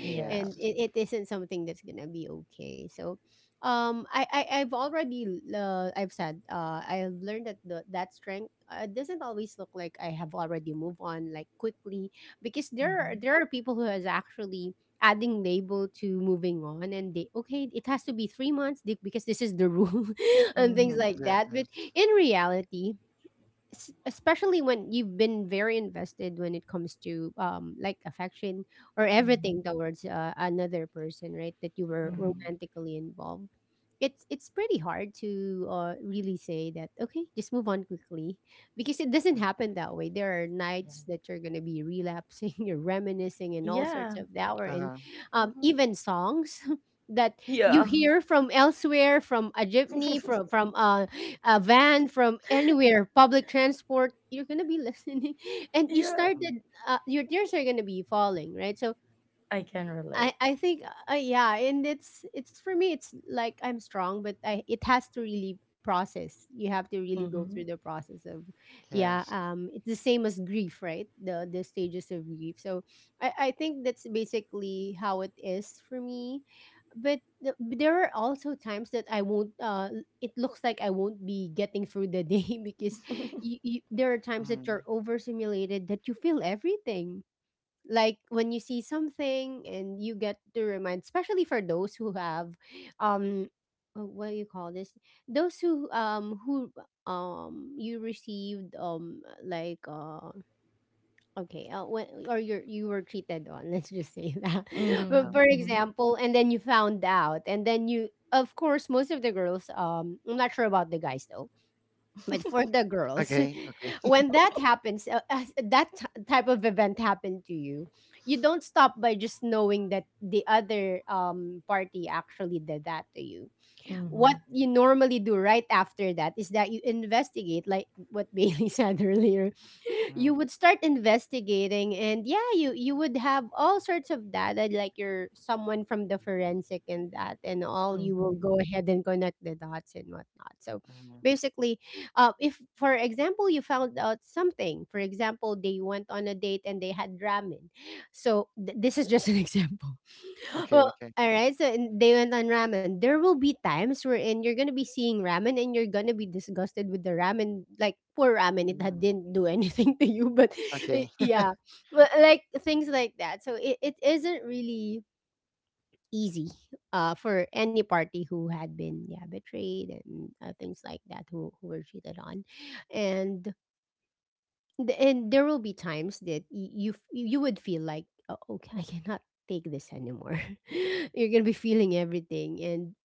Speaker 3: Yeah.
Speaker 1: and it isn't something that's gonna be okay. So I, I've already I've said I've learned that that strength doesn't always look like I have already moved on like quickly, because there are
Speaker 3: Mhm,
Speaker 1: there are people who has actually adding label to moving on. And they okay, it has to be 3 months di- because this is the rule and things
Speaker 2: Mhm,
Speaker 3: mhm,
Speaker 1: like that. But
Speaker 2: yes.
Speaker 1: in reality, es- especially when you've been very invested when it comes to like affection or
Speaker 3: mhm,
Speaker 1: everything towards another person, right, that you were
Speaker 3: mhm.
Speaker 2: Mm.
Speaker 1: romantically involved, it's pretty hard to really say that okay just move on quickly, because it doesn't happen that way. There are nights that you're going to be relapsing, you're reminiscing and all
Speaker 3: Yeah.
Speaker 1: sorts of that. Or and
Speaker 2: Uh-huh.
Speaker 3: Yeah. Mhm.
Speaker 1: even songs that you
Speaker 3: Yeah.
Speaker 1: hear from elsewhere, from a gypney, from from a van, from anywhere, public transport, you're gonna be listening, and you
Speaker 3: Yeah.
Speaker 2: Mhm,
Speaker 1: started. Your tears are gonna be falling, right? So
Speaker 3: I can
Speaker 1: I
Speaker 3: relate.
Speaker 1: I think yeah, and it's for me. It's like I'm strong, but I it has to really process. You have to really go
Speaker 3: Mhm.
Speaker 1: through the process of, yeah.
Speaker 2: yes.
Speaker 1: It's the same as grief, right? The stages of grief. So I think that's basically how it is for me. But the, there are also times that I won't. It looks like I won't be getting through the day because
Speaker 3: Mhm.
Speaker 1: there are times that
Speaker 2: Mm,
Speaker 1: you're overstimulated, that you feel everything, like when you see something and you get to remind, especially for those who have um what do you call this, those who you received like okay when or you were cheated on, let's just say that. But
Speaker 2: uh-huh.
Speaker 3: Mhm.
Speaker 1: for
Speaker 3: Mhm.
Speaker 1: example, and then you found out, and then you of course, most of the girls, I'm not sure about the guys though, but for the girls,
Speaker 2: Okay, okay.
Speaker 1: when that happens, as that t- type of event happened to you, you don't stop by just knowing that the other party actually did that to you. What
Speaker 3: Mhm.
Speaker 1: you normally do right after that is that you investigate, like what Bailey said earlier. You
Speaker 2: Mm,
Speaker 1: would start investigating and yeah, you would have all sorts of data, like you're someone from the forensic and that and all. You will go ahead and connect the dots and whatnot. So
Speaker 2: mhm,
Speaker 1: basically, if for example you found out something, for example they went on a date and they had ramen, so th- this is just an example.
Speaker 2: okay,
Speaker 1: Well,
Speaker 2: okay,
Speaker 1: all right. So and they went on ramen. There will be times wherein you're gonna be seeing ramen and you're gonna be disgusted with the ramen. Like poor ramen, it had,
Speaker 2: mm,
Speaker 1: didn't do anything to you. But eh,
Speaker 2: okay.
Speaker 1: yeah, well, like things like that. So it isn't really easy for any party who had been yeah betrayed, and things like that, who were cheated on. And th- and there will be times that y- you f- you would feel like oh, okay, I cannot take this anymore. You're gonna be feeling everything,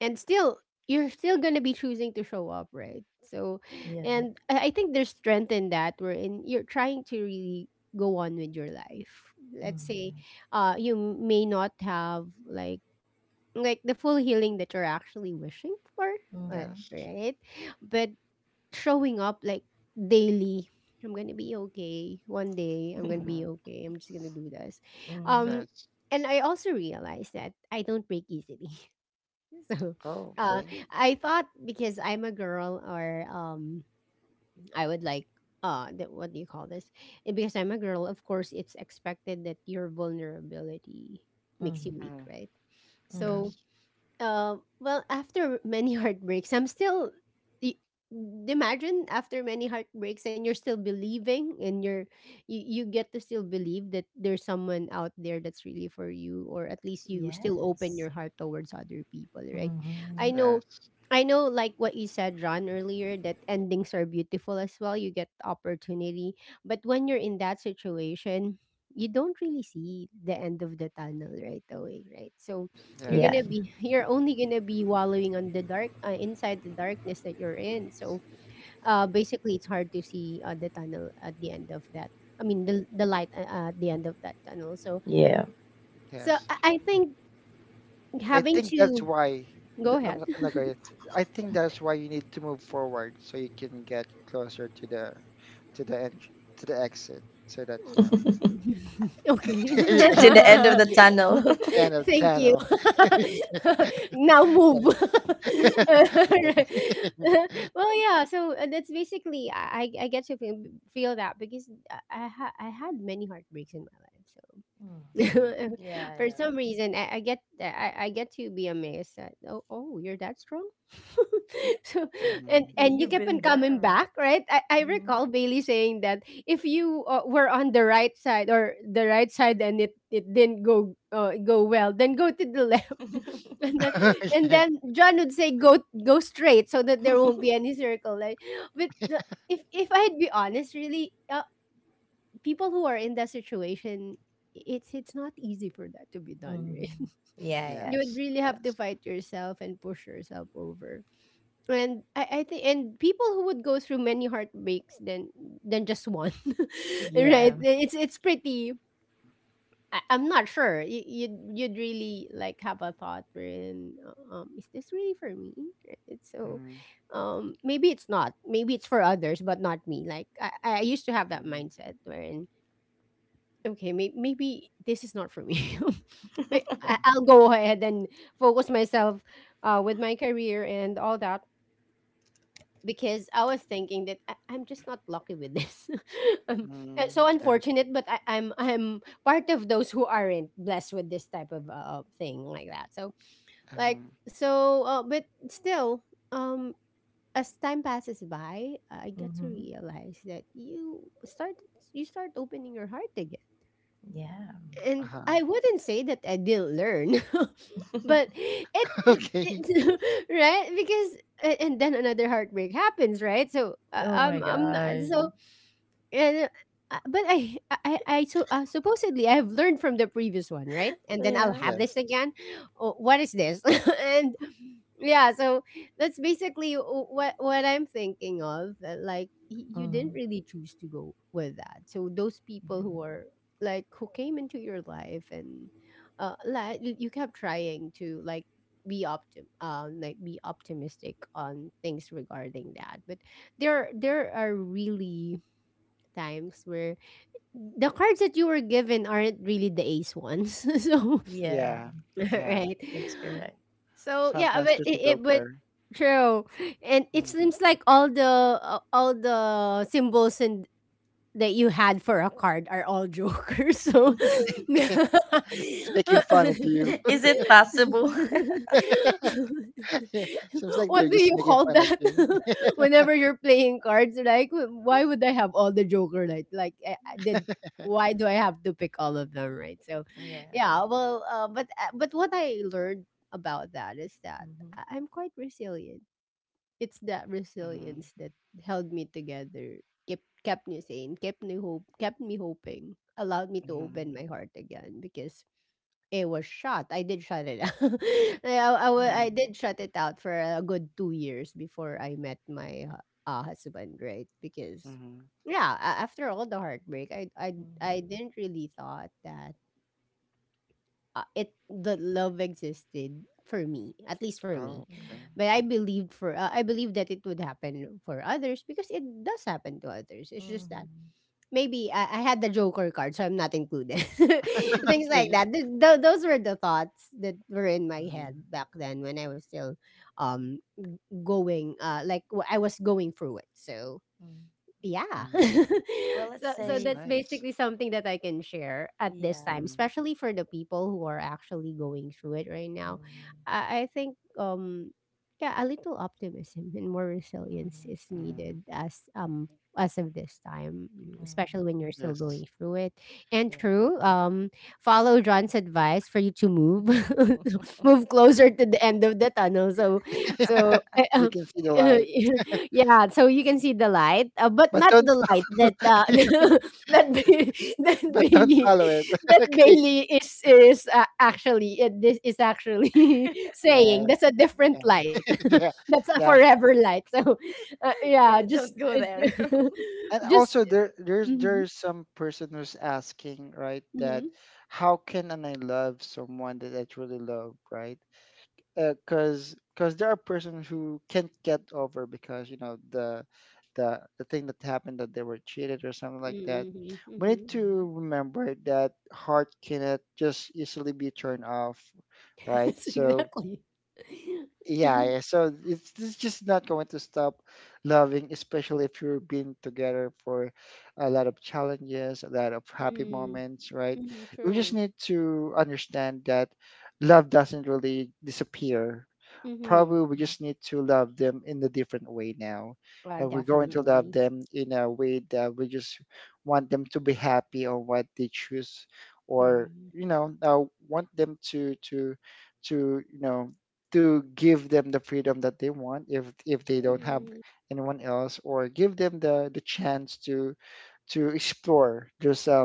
Speaker 1: and still you're still gonna be choosing to show up, right? So
Speaker 3: Yeah.
Speaker 1: and I think there's strength in that, wherein you're trying to really go on with your life, let's say.
Speaker 3: Mhm.
Speaker 1: You may not have like the full healing that you're actually wishing for,
Speaker 3: Mhm.
Speaker 2: Yes,
Speaker 1: right, but showing up like daily. I'm gonna be okay. One day I'm gonna be
Speaker 2: mhm,
Speaker 1: okay. I'm just gonna do this.
Speaker 3: Mhm.
Speaker 1: Um
Speaker 2: yes.
Speaker 1: and I also realized that I don't break easily. So
Speaker 2: Oh, okay.
Speaker 1: uh I thought because I'm a girl or I would like that what do you call this? And because I'm a girl, of course it's expected that your vulnerability makes you
Speaker 3: Mhm.
Speaker 1: weak,
Speaker 2: Mm,
Speaker 1: right? So
Speaker 3: Mhm.
Speaker 2: yes,
Speaker 1: well, after many heartbreaks, I'm still. I- Imagine after many heartbreaks, and you're still believing, and you're you, get to still believe that there's someone out there that's really for you, or at least you still open
Speaker 3: Yes.
Speaker 1: your heart towards other people, right? I
Speaker 3: Mhm.
Speaker 1: know,
Speaker 2: yes,
Speaker 1: I know, like what you said, Ron, earlier, that endings are beautiful as well. You get opportunity, but when you're in that situation, you don't really see the end of the tunnel right away, right? So you're
Speaker 2: yes,
Speaker 1: gonna be you're only gonna be wallowing on the dark, inside the darkness that you're in. So, basically, it's hard to see the tunnel at the end of that. I mean, the light at the end of that tunnel. So,
Speaker 3: Yeah.
Speaker 1: so
Speaker 2: yes.
Speaker 1: I think
Speaker 2: I
Speaker 1: having
Speaker 2: think that's
Speaker 1: to
Speaker 2: why
Speaker 1: go
Speaker 2: I'm
Speaker 1: ahead.
Speaker 2: not gonna- I think that's why you need to move forward, so you can get closer to the end, to the exit, so that, you know,
Speaker 1: Okay.
Speaker 3: To
Speaker 2: to
Speaker 3: the end of the tunnel.
Speaker 2: the end of
Speaker 1: Thank you.
Speaker 2: tunnel.
Speaker 1: Now move.
Speaker 2: Okay.
Speaker 1: Right. Well, yeah, so that's basically I get to feel feel that because I ha- I had many heartbreaks in my life. So
Speaker 3: Mm.
Speaker 2: Mhm,
Speaker 3: Yeah,
Speaker 1: for
Speaker 3: yeah.
Speaker 1: some reason, I get I, get to be amazed that oh oh you're that strong. So
Speaker 2: mhm.
Speaker 3: Yeah,
Speaker 1: and you
Speaker 3: you've
Speaker 1: kept on
Speaker 3: been
Speaker 1: coming
Speaker 3: there.
Speaker 1: back, right? I
Speaker 3: Hmm.
Speaker 1: recall Bailey saying that if you were on the right side or the right side and it didn't go go well, then go to the left, and
Speaker 3: Hmm.
Speaker 1: then and
Speaker 2: Okay.
Speaker 1: then John would say go go straight so that there won't be any circle. Like, but the, if I'd be honest, really. People who are in that situation, it's not easy for that to be done right.
Speaker 3: Yeah, yeah.
Speaker 1: You would
Speaker 2: Yes,
Speaker 1: really have to
Speaker 2: yes.
Speaker 1: fight yourself and push yourself over, and I think and people who would go through many heartbreaks than just one.
Speaker 3: Yeah.
Speaker 1: Right, it's pretty I'm not sure, you'd really like have a thought wherein is this really for me. Right. So
Speaker 2: Mm,
Speaker 1: maybe it's not, maybe it's for others but not me. Like I used to have that
Speaker 2: mm,
Speaker 1: mindset wherein okay, may maybe this is not for me. May-
Speaker 2: mm,
Speaker 1: I- I'll go ahead and focus myself with my career and all that, because I was thinking that I- I'm just not lucky with this. um,
Speaker 2: mm,
Speaker 1: so
Speaker 2: and,
Speaker 1: unfortunate, but I- I'm part of those who aren't blessed with this type of thing like that. So like
Speaker 2: um,
Speaker 1: so, but still, um, as time passes by, I get to
Speaker 3: Hmm.
Speaker 1: realize that you start opening your heart again.
Speaker 3: Yeah.
Speaker 1: And
Speaker 2: uh-huh.
Speaker 1: I wouldn't say that I didn't learn, but it it,
Speaker 2: Okay.
Speaker 1: it right, because a- and then another heartbreak happens, right? So
Speaker 3: Oh my
Speaker 1: I'm not
Speaker 3: gosh.
Speaker 1: so and but I so supposedly I have learned from the previous one, right? And then I'll
Speaker 3: Yeah.
Speaker 1: have this
Speaker 2: Yes.
Speaker 1: again. Oh, what is this? And yeah, so that's basically w- what I'm thinking of. That, like y- you didn't
Speaker 3: Mm.
Speaker 1: really choose to go with that. So those people who are like who came into your life, and like you kept trying to like be optim like be optimistic on things regarding that, but there are really times where the cards that you were given aren't really the ace ones. So
Speaker 3: Yeah. Yeah,
Speaker 2: Yeah. Yeah.
Speaker 1: right.
Speaker 3: that's correct.
Speaker 1: So yeah,
Speaker 2: Sometimes
Speaker 1: but
Speaker 2: there's the
Speaker 1: it but
Speaker 2: Joker.
Speaker 1: true. And it
Speaker 2: Mm.
Speaker 1: seems like all the symbols and that you had for a card are all jokers. So,
Speaker 2: It's making fun of you.
Speaker 3: Is it possible?
Speaker 2: Yeah, seems like
Speaker 1: what
Speaker 2: they're
Speaker 1: do you
Speaker 2: just making
Speaker 1: call
Speaker 2: fun of
Speaker 1: that?
Speaker 2: you.
Speaker 1: Whenever you're playing cards, like why would I have all the joker? Like I did. Why do I have to pick all of them? Right. So,
Speaker 3: Yeah.
Speaker 1: yeah. Well, but what I learned about that is that
Speaker 3: Mm-hmm.
Speaker 1: I- I'm quite resilient. It's that
Speaker 2: Mm-hmm.
Speaker 1: resilience that held me together, kept me sane, kept me hope kept me hoping, allowed me to open
Speaker 2: Mm-hmm.
Speaker 1: my heart again, because it was shut. I did shut it out. Wa-
Speaker 2: Mm-hmm.
Speaker 1: I
Speaker 3: Mm-hmm.
Speaker 1: did shut it out for a good 2 years before I met my hu- husband, right? Because
Speaker 2: Mm-hmm.
Speaker 1: yeah, a- after all the heartbreak, I I didn't really thought that it the love existed for me, at least for me.
Speaker 2: Oh, okay.
Speaker 3: Mm-hmm.
Speaker 1: But I believed for I believe that it would happen for others, because it does happen to others. It's just that
Speaker 3: Mm-hmm.
Speaker 1: maybe I had the joker card so I'm not included, things like
Speaker 2: Okay.
Speaker 1: that. Th- tho- those were the thoughts that were in my
Speaker 2: Mm-hmm.
Speaker 1: head back then when I was still um going like wh- I was going through it. So yeah.
Speaker 2: Mm-hmm.
Speaker 3: Well, let's
Speaker 1: So so
Speaker 2: That's
Speaker 3: say,
Speaker 1: that's
Speaker 2: nice.
Speaker 1: basically something that I can share at this
Speaker 3: yeah.
Speaker 1: time, especially for the people who are actually going through it right now.
Speaker 3: Mm-hmm.
Speaker 1: I think yeah, a little optimism and more resilience is
Speaker 3: Mm-hmm.
Speaker 1: needed
Speaker 2: Mm-hmm.
Speaker 1: as of this time, mm, especially
Speaker 3: Mhm.
Speaker 1: when you're still
Speaker 2: Yes.
Speaker 1: going through it. And
Speaker 3: Yeah.
Speaker 1: true, follow John's advice for you to move move closer to the end of the tunnel. So
Speaker 2: So you can see the light.
Speaker 1: yeah, so you can see the light, but
Speaker 2: But
Speaker 1: not
Speaker 2: don't
Speaker 1: the light that that Ba- that
Speaker 2: but don't
Speaker 1: Bailey
Speaker 2: follow it.
Speaker 1: that
Speaker 2: Okay.
Speaker 1: Bailey is actually this is actually
Speaker 2: Yeah,
Speaker 1: saying that's a different
Speaker 2: yeah,
Speaker 1: light.
Speaker 2: yeah,
Speaker 1: That's a
Speaker 2: yeah.
Speaker 1: forever light. So yeah,
Speaker 3: Yeah,
Speaker 1: just
Speaker 3: don't go there.
Speaker 1: uh,
Speaker 2: And
Speaker 1: just
Speaker 2: also, there,
Speaker 1: mhm
Speaker 2: there's some person who's asking, right, that
Speaker 1: mhm
Speaker 2: how can and I love someone that I truly love, right? Because there are persons who can't get over because, you know, the thing that happened, that they were cheated or something like that.
Speaker 1: mhm
Speaker 2: We need
Speaker 1: mhm.
Speaker 3: Mhm.
Speaker 2: to remember that heart cannot just easily be turned off, right?
Speaker 1: Yes,
Speaker 2: So
Speaker 1: exactly.
Speaker 2: yeah, yeah. So it's just not going to stop loving, especially if you've been together for a lot of challenges, a lot of happy
Speaker 1: mm,
Speaker 2: moments, right? We just
Speaker 1: true.
Speaker 2: need to understand that love doesn't really disappear. Probably
Speaker 1: Mhm.
Speaker 2: we
Speaker 3: Mhm.
Speaker 2: just need to love them in a different way now. And we're going to love
Speaker 1: Definitely.
Speaker 2: them in a way that we just want them to be happy on what they choose,
Speaker 1: Yeah.
Speaker 2: or, you know, want them to to you know, to give them the freedom that they want if they don't have
Speaker 1: Mm,
Speaker 2: anyone else, or give them the chance to explore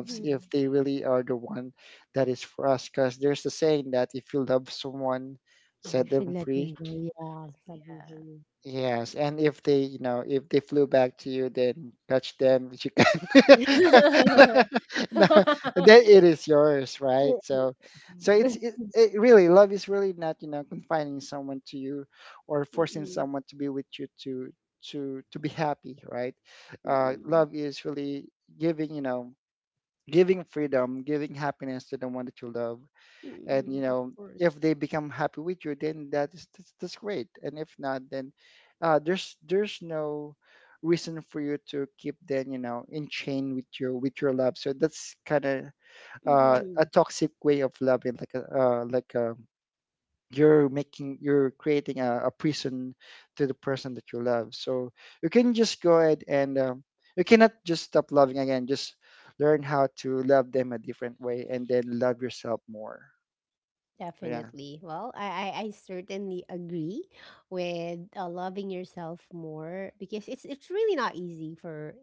Speaker 3: Mhm.
Speaker 2: if
Speaker 3: Mhm.
Speaker 2: they really are the one that is for us, because there's a saying that if you love someone,
Speaker 1: You
Speaker 2: set
Speaker 1: should
Speaker 2: them
Speaker 1: let
Speaker 2: free,
Speaker 1: them go. Yeah, sadly for
Speaker 3: Yeah.
Speaker 1: you.
Speaker 2: yes, and if they, you know, if they flew back to you, then catch them. If you no, then it is yours, right?
Speaker 1: Mm,
Speaker 2: So, so it's
Speaker 3: Mhm.
Speaker 2: it,
Speaker 1: mm.
Speaker 2: it really, love is really not, you know, confining someone to you, or forcing
Speaker 1: Mm,
Speaker 2: someone to be with you to be happy, right?
Speaker 1: mm,
Speaker 2: Love is really giving, you know, giving freedom, giving happiness to the one that you love, and, you
Speaker 1: of
Speaker 2: know,
Speaker 1: course.
Speaker 2: if they become happy with you, then that is, that's great, and if not, then there's no reason for you to keep then, you know, in chain with your love, so that's kind of a
Speaker 1: Mhm.
Speaker 2: toxic way of loving, like a, you're making you're creating a prison to the person that you love, so you can just go ahead, and you cannot just stop loving, again, just learn how to love them a different way, and then love yourself more. Yeah.
Speaker 1: Definitely. Well, I certainly agree with loving yourself more because it's really not easy for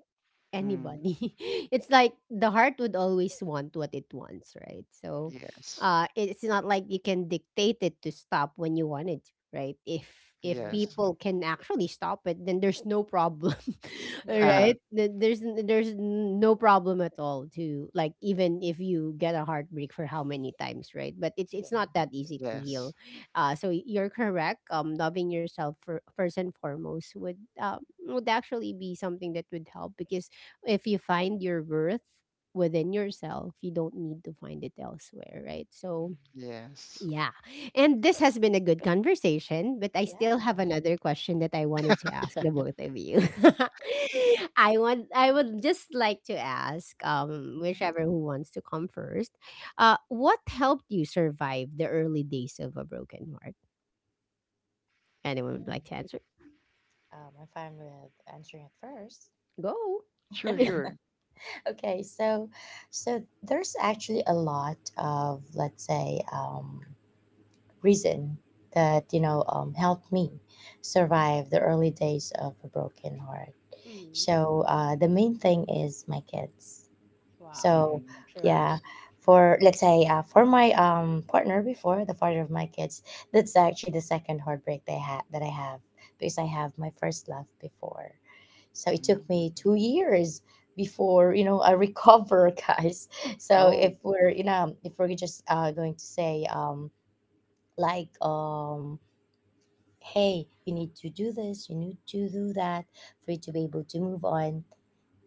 Speaker 2: Mm,
Speaker 1: anybody. It's like the heart would always want what it wants, right? So
Speaker 2: yes.
Speaker 1: it's not like you can dictate it to stop when you want it to, right? If
Speaker 3: Yeah.
Speaker 2: Yes.
Speaker 1: people can actually stop it, then there's no problem.
Speaker 3: Yeah.
Speaker 2: Haha.
Speaker 1: Right? There's there's no problem at all, to like, even if you get a heartbreak for how many times, right? But it's
Speaker 3: Mhm.
Speaker 1: not that easy to
Speaker 2: Yes.
Speaker 1: heal. Uh, so you're correct. Loving yourself, for, first and foremost, would actually be something that would help, because if you find your worth within yourself, you don't need to find it elsewhere, right? So,
Speaker 3: Mhm.
Speaker 2: Yes.
Speaker 1: yeah. And this has been a good conversation, but I still have
Speaker 3: Yeah.
Speaker 1: another question that I wanted to ask the
Speaker 2: Yeah.
Speaker 1: both of you. I would just like to ask
Speaker 3: Mhm.
Speaker 1: whichever who wants to come first. Uh, what helped you survive the early days of a broken heart? Anyone would like
Speaker 3: Mhm.
Speaker 1: to answer?
Speaker 3: I'm fine with answering it first.
Speaker 1: Go.
Speaker 2: Sure, sure.
Speaker 3: Okay, so so there's actually a lot of, let's say, reason that, you know, helped me survive the early days of a broken heart.
Speaker 1: Mm.
Speaker 3: So the main thing is my kids.
Speaker 1: Wow.
Speaker 2: Mm-hmm.
Speaker 3: So
Speaker 1: True.
Speaker 3: yeah,
Speaker 2: Yes.
Speaker 3: for let's say for my partner before, the father of my kids, that's actually the second heartbreak they had that I have, because I have my first love before. So it took
Speaker 2: Hmm.
Speaker 3: me 2 years before, you know, I recover, guys. So
Speaker 2: Oh,
Speaker 3: if we're, you know, if we're just going to say like hey, you need to do this, you need to do that for you to be able to move on,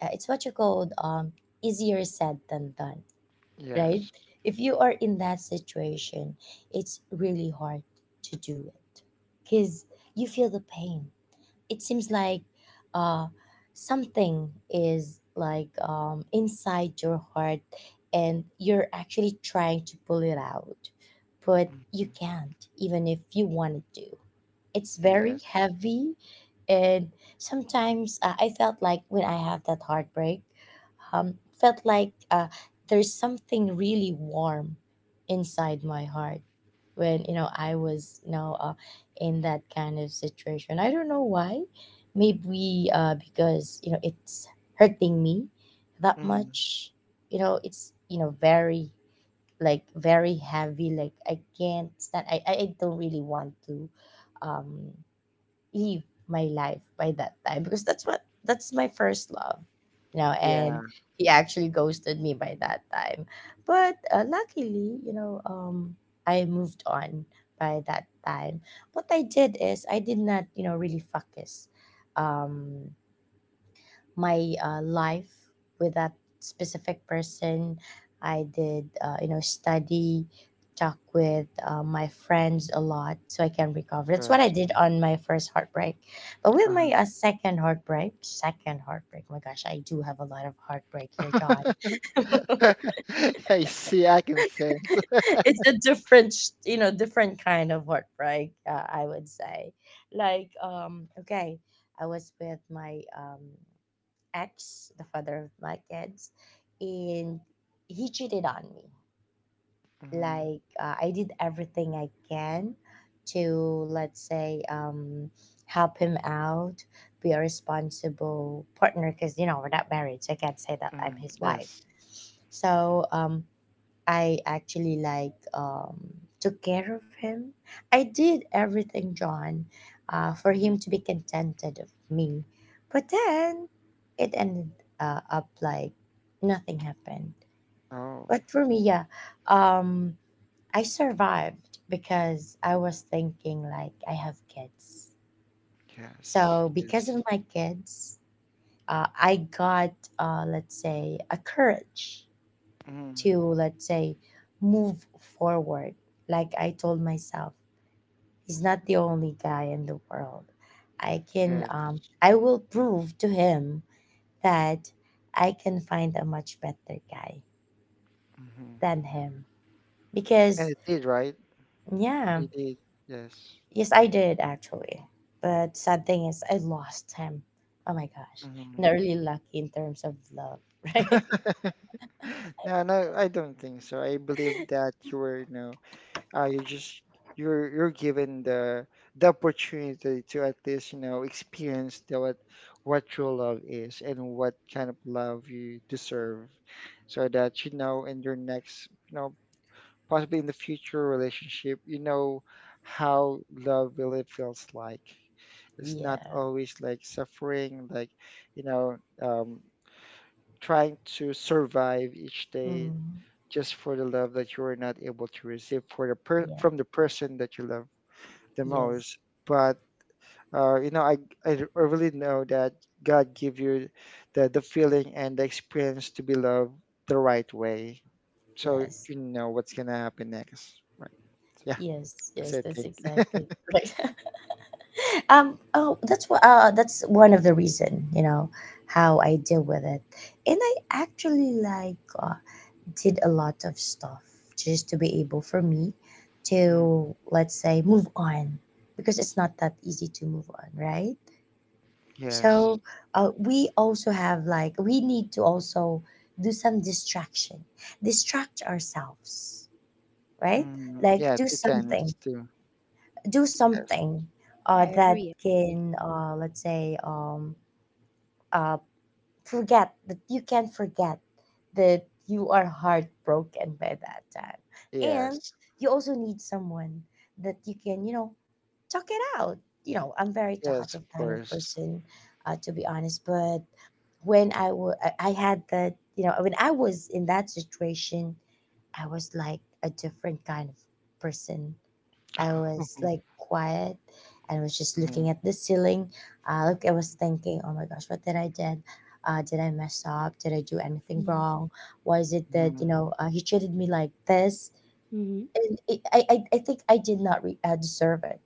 Speaker 3: it's what you called, easier said than done,
Speaker 2: yes.
Speaker 3: right? If you are in that situation, it's really hard to do it, because you feel the pain. It seems like uh something is like inside your heart, and you're actually trying to pull it out, but you
Speaker 2: Hmm.
Speaker 3: can't even if you wanted to. It's very
Speaker 2: Yes.
Speaker 3: heavy. And sometimes I felt like when I have that heartbreak, um, felt like there's something really warm inside my heart when, you know, I was, you know, in that kind of situation. I don't know why. Maybe because, you know, it's hurting me that
Speaker 2: Hmm.
Speaker 3: much. You know, it's, you know, very, like very heavy, like I can't stand. I don't really want to um leave my life by that time, because that's what, that's my first love, you know. And
Speaker 2: Yeah.
Speaker 3: he actually ghosted me by that time. But luckily, you know, I moved on by that time. What I did is I did not, you know, really focus um my life with that specific person. I did, you know, study, talk with my friends a lot, so I can recover. That's what I
Speaker 2: Yes.
Speaker 3: did on my first heartbreak. But with my second heartbreak, my gosh, I do have a lot of heartbreak here, John.
Speaker 2: Uh-huh. I see. I can sense.
Speaker 3: It's a different, you know, different kind of heartbreak, I would say. Like, okay, I was with my ex, the father of my kids, and he cheated on me.
Speaker 2: Hmm.
Speaker 3: Like I did everything I can to, let's say, help him out, be a responsible partner, because you know we're not married, so I can't say that I'm
Speaker 2: Hmm.
Speaker 3: his wife.
Speaker 2: Yes.
Speaker 3: So I actually like, took care of him. I did everything, John, for him
Speaker 2: Hmm.
Speaker 3: to be contented of me. But then it ended up like nothing happened.
Speaker 2: Oh,
Speaker 3: But for me, yeah, um, I survived because I was thinking like I have kids.
Speaker 2: yes.
Speaker 3: So because
Speaker 2: Yes.
Speaker 3: of my kids, I got let's say a courage
Speaker 2: Hmm.
Speaker 3: to, let's say, move forward. Like I told myself, he's not the only guy in the world. I can,
Speaker 2: Yes.
Speaker 3: I will prove to him that I can find a much better guy
Speaker 2: Hmm.
Speaker 3: than him.
Speaker 2: And
Speaker 3: Because,
Speaker 2: it did, right?
Speaker 3: yeah,
Speaker 2: It did. Yes.
Speaker 3: yes, I did actually. But sad thing is, I lost him. Oh my gosh.
Speaker 2: Hmm.
Speaker 3: Not really lucky in terms of love, right?
Speaker 2: No, no, I don't think so. I believe that you were, you know, you just you're given the opportunity to at least, you know, experience the, what true love is and what kind of love you deserve, so that you know in your next, you know, possibly in the future relationship, you know how love really feels like. It's not
Speaker 3: Yeah.
Speaker 2: always like suffering, like, you know, um, trying to survive each day
Speaker 3: Mm.
Speaker 2: just for the love that you are not able to receive for the per-
Speaker 3: Yeah.
Speaker 2: from the person that you love the
Speaker 3: Yes.
Speaker 2: most. But you know, I really know that God give you the feeling and the experience to be loved the right way, so
Speaker 3: Yes.
Speaker 2: you know what's gonna happen next. Right? Yeah,
Speaker 3: Yes,
Speaker 2: that's
Speaker 3: yes,
Speaker 2: it.
Speaker 3: that's
Speaker 2: Thank you.
Speaker 3: exactly right. Oh, that's one of the reason, you know, how I deal with it. And I actually like, did a lot of stuff just to be able for me
Speaker 2: Mm,
Speaker 3: to, let's say, move on, because it's not that easy to move on, right?
Speaker 2: yes.
Speaker 3: So we also have, like we need to also do some distraction, distract ourselves, right?
Speaker 2: Mm,
Speaker 3: Like
Speaker 2: yes,
Speaker 3: do
Speaker 2: it tends
Speaker 3: something,
Speaker 2: to.
Speaker 3: do
Speaker 2: Yes.
Speaker 3: something that
Speaker 1: I agree.
Speaker 3: can, let's say uh, forget that, you can forget that you are heartbroken by that time. And
Speaker 2: Yes.
Speaker 3: you also need someone that you can, you know, talk it out. You know, I'm very
Speaker 2: Yes,
Speaker 3: talkative
Speaker 2: of
Speaker 3: kind of
Speaker 2: course.
Speaker 3: person, to be honest. But when I had that, you know, when I was in that situation, I was like a different kind of person. I was like quiet and was just looking
Speaker 2: Mhm,
Speaker 3: at the ceiling. Like I was thinking, oh my gosh, what did I did? Did I mess up? Did I do anything wrong? Why is it that, you
Speaker 2: mhm,
Speaker 3: know, he treated me like this?
Speaker 1: Mhm,
Speaker 3: I think I did not deserve it.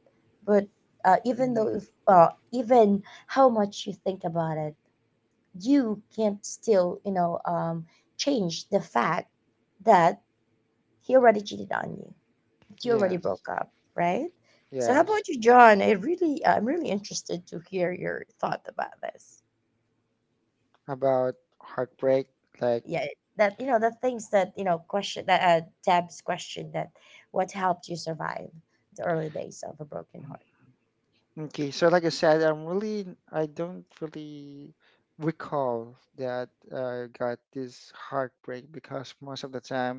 Speaker 3: But
Speaker 2: mhm,
Speaker 3: even though
Speaker 2: mhm.
Speaker 3: if even how much you think about it, you can't still, you know, change the fact that he already cheated on you, you already
Speaker 2: Yes.
Speaker 3: broke up, right? So how
Speaker 2: Yes.
Speaker 3: about you, John? I really, I'm really interested to hear your thought about this.
Speaker 2: About heartbreak. Like,
Speaker 3: Yeah, that, you know, the things that, you know, question that Deb's question that what helped you survive the early days of a broken
Speaker 2: mhm.
Speaker 3: heart.
Speaker 2: Okay, so like I said, I'm really, I don't really recall that I got this heartbreak because most of the time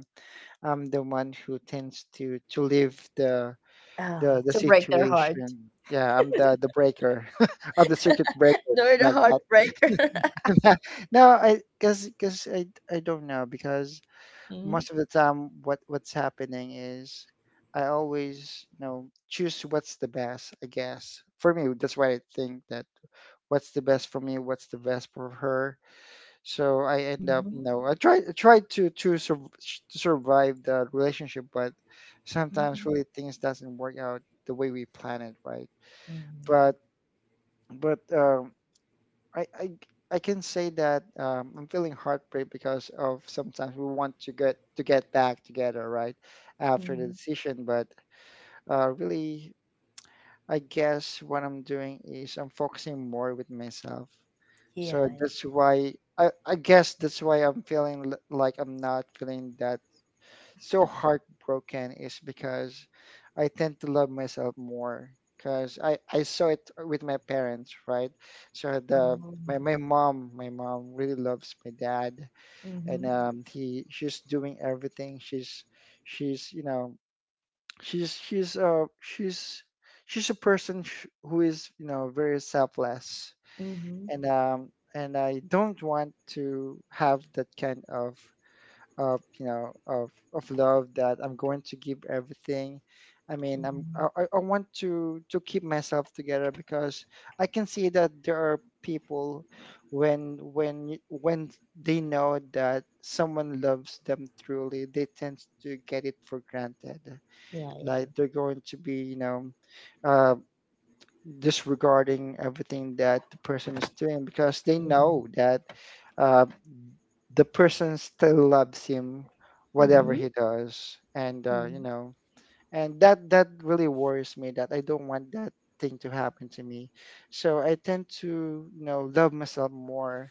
Speaker 2: I'm the one who tends to leave
Speaker 3: Oh,
Speaker 2: the
Speaker 3: to break their heart.
Speaker 2: situation. Yeah, I'm the breaker of the circuit breaker
Speaker 3: They're the
Speaker 2: like that.
Speaker 3: heartbreaker.
Speaker 2: No, I, because I don't know because
Speaker 3: Mm-hmm.
Speaker 2: most of the time what what's happening is I always, you know, choose what's the best, I guess for me, that's why I think that what's the best for me, what's the best for her, so I end up, you
Speaker 3: Mm-hmm.
Speaker 2: know, I try to to survive the relationship, but sometimes
Speaker 3: Mm-hmm.
Speaker 2: really things doesn't work out the way we plan it, right?
Speaker 3: Mm, yeah.
Speaker 2: but but I, I I can say that I'm feeling heartbreak because of sometimes we want to get back together, right, after the
Speaker 3: Mm-hmm.
Speaker 2: decision. But really, I guess what I'm doing is I'm focusing more with myself.
Speaker 3: Yeah.
Speaker 2: So
Speaker 3: Yeah.
Speaker 2: that's why I guess that's why I'm feeling l- like I'm not feeling that so heartbroken is because I tend to love myself more, because I saw it with my parents, right? So the
Speaker 3: Oh.
Speaker 2: my mom really loves my dad and
Speaker 3: Mm-hmm.
Speaker 2: he she's doing everything she's she's she's uh she's she's a who is very selfless,
Speaker 3: Mm-hmm.
Speaker 2: and um and I don't want to have that kind of of love that I'm going to give everything. I mean, I'm
Speaker 3: Mm-hmm.
Speaker 2: I want to keep myself together, because I can see that there are people when when they know that someone loves them truly, they tend to get it for granted.
Speaker 3: Yeah. Yeah.
Speaker 2: Like they're going to be, you know, uh, disregarding everything that the person is doing because they
Speaker 3: Mm-hmm.
Speaker 2: know that. Uh, the person still loves him, whatever
Speaker 3: Mm-hmm.
Speaker 1: mhm.
Speaker 2: he does, and
Speaker 1: Mm.
Speaker 2: that that really worries me. That I don't want that thing to happen to me. So I tend to love myself more.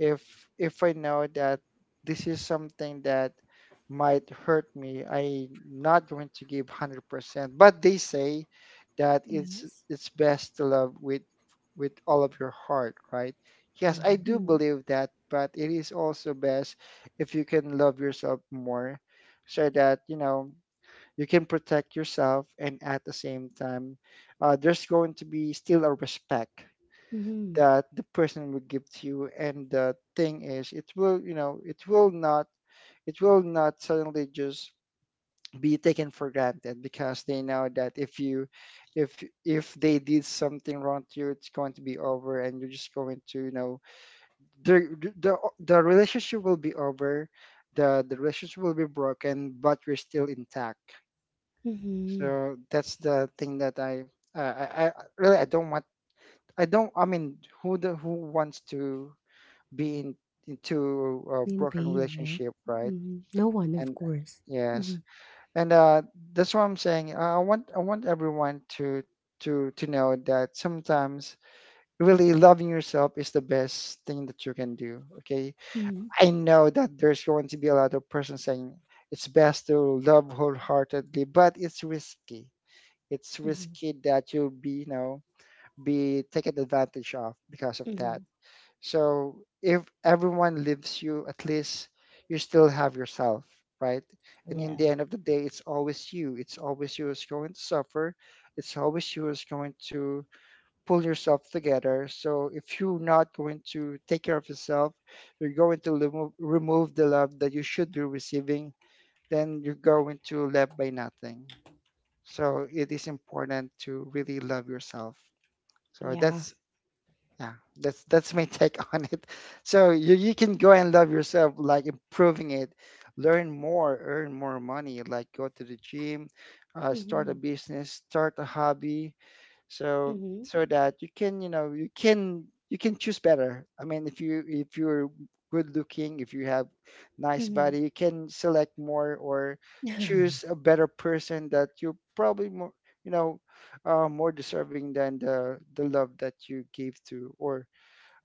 Speaker 2: If I know that this is something that might hurt me, I am not going to give 100%, but they say that
Speaker 1: Yes.
Speaker 2: it's best to love with all of your heart, right? Yes, I
Speaker 3: Mhm.
Speaker 2: do
Speaker 1: Mm.
Speaker 2: believe that, but it is also best if you can love yourself more, so that, you know, you can protect yourself, and at the same time there's going to be still a respect
Speaker 1: Mm-hmm.
Speaker 2: that the person will give to you. And the thing is, it will, you know, it will not suddenly just be taken for granted, because they know that if you if if they did something wrong to you, it's going to be over, and you're just going to, you know, the the, the relationship will be over. The relationship will be broken, but you're still intact.
Speaker 1: Mm-hmm.
Speaker 2: So that's the thing that uh, I, I I- really I don't want. I don't. I mean, who wants to be in into a
Speaker 1: In
Speaker 2: broken
Speaker 1: pain, right?
Speaker 2: relationship, right?
Speaker 1: Mm-hmm. No one, of
Speaker 2: And
Speaker 1: course.
Speaker 2: yes,
Speaker 1: Mm-hmm.
Speaker 2: and that's what I'm saying. I want everyone to know that sometimes really loving yourself is the best thing that you can do. Okay,
Speaker 1: Mm-hmm.
Speaker 2: I know that there's going to be a lot of person saying it's best to love wholeheartedly, but it's
Speaker 1: Mm-hmm.
Speaker 2: risky that you'll be, you know, be taken advantage of because of
Speaker 1: Mm-hmm.
Speaker 2: that. So if everyone leaves you, at least you still have yourself, right? And in
Speaker 3: Yeah.
Speaker 2: the end of the day, it's always you. It's always you who's going to suffer. It's always you who's going to pull yourself together. So if you're not going to take care of yourself, you're going to remove the love that you should be receiving, then you're going to left by nothing. So it is important to really love yourself. So
Speaker 1: Yeah.
Speaker 2: that's yeah, that's my take on it. So you can go and love yourself, like improving it, learn more, earn more money, like go to the gym, start
Speaker 1: Mm-hmm.
Speaker 2: a business, start a hobby, so
Speaker 1: Mm-hmm.
Speaker 2: that you can, you know, you can choose better. I mean, if you if you're good looking, if you have nice
Speaker 1: Mm-hmm.
Speaker 2: body, you can select more or choose a better person that you're probably more, you know, more deserving than the love that you gave to, or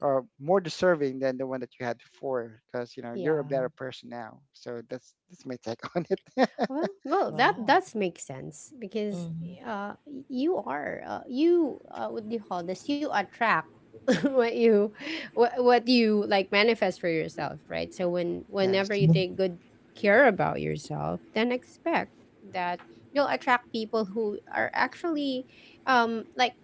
Speaker 2: more deserving than the one that you had before, because you know you're a better
Speaker 1: Yeah.
Speaker 2: person now. So that's my take on it.
Speaker 1: Well, that
Speaker 3: Wow.
Speaker 1: that's makes sense, because
Speaker 3: Mhm.
Speaker 1: uh, you are you what do you call this? You attract what you what you, like, manifest for yourself, right? So when whenever
Speaker 2: Yes.
Speaker 1: you take
Speaker 3: Mhm.
Speaker 1: good care about yourself, then expect that you'll attract people who are actually, like,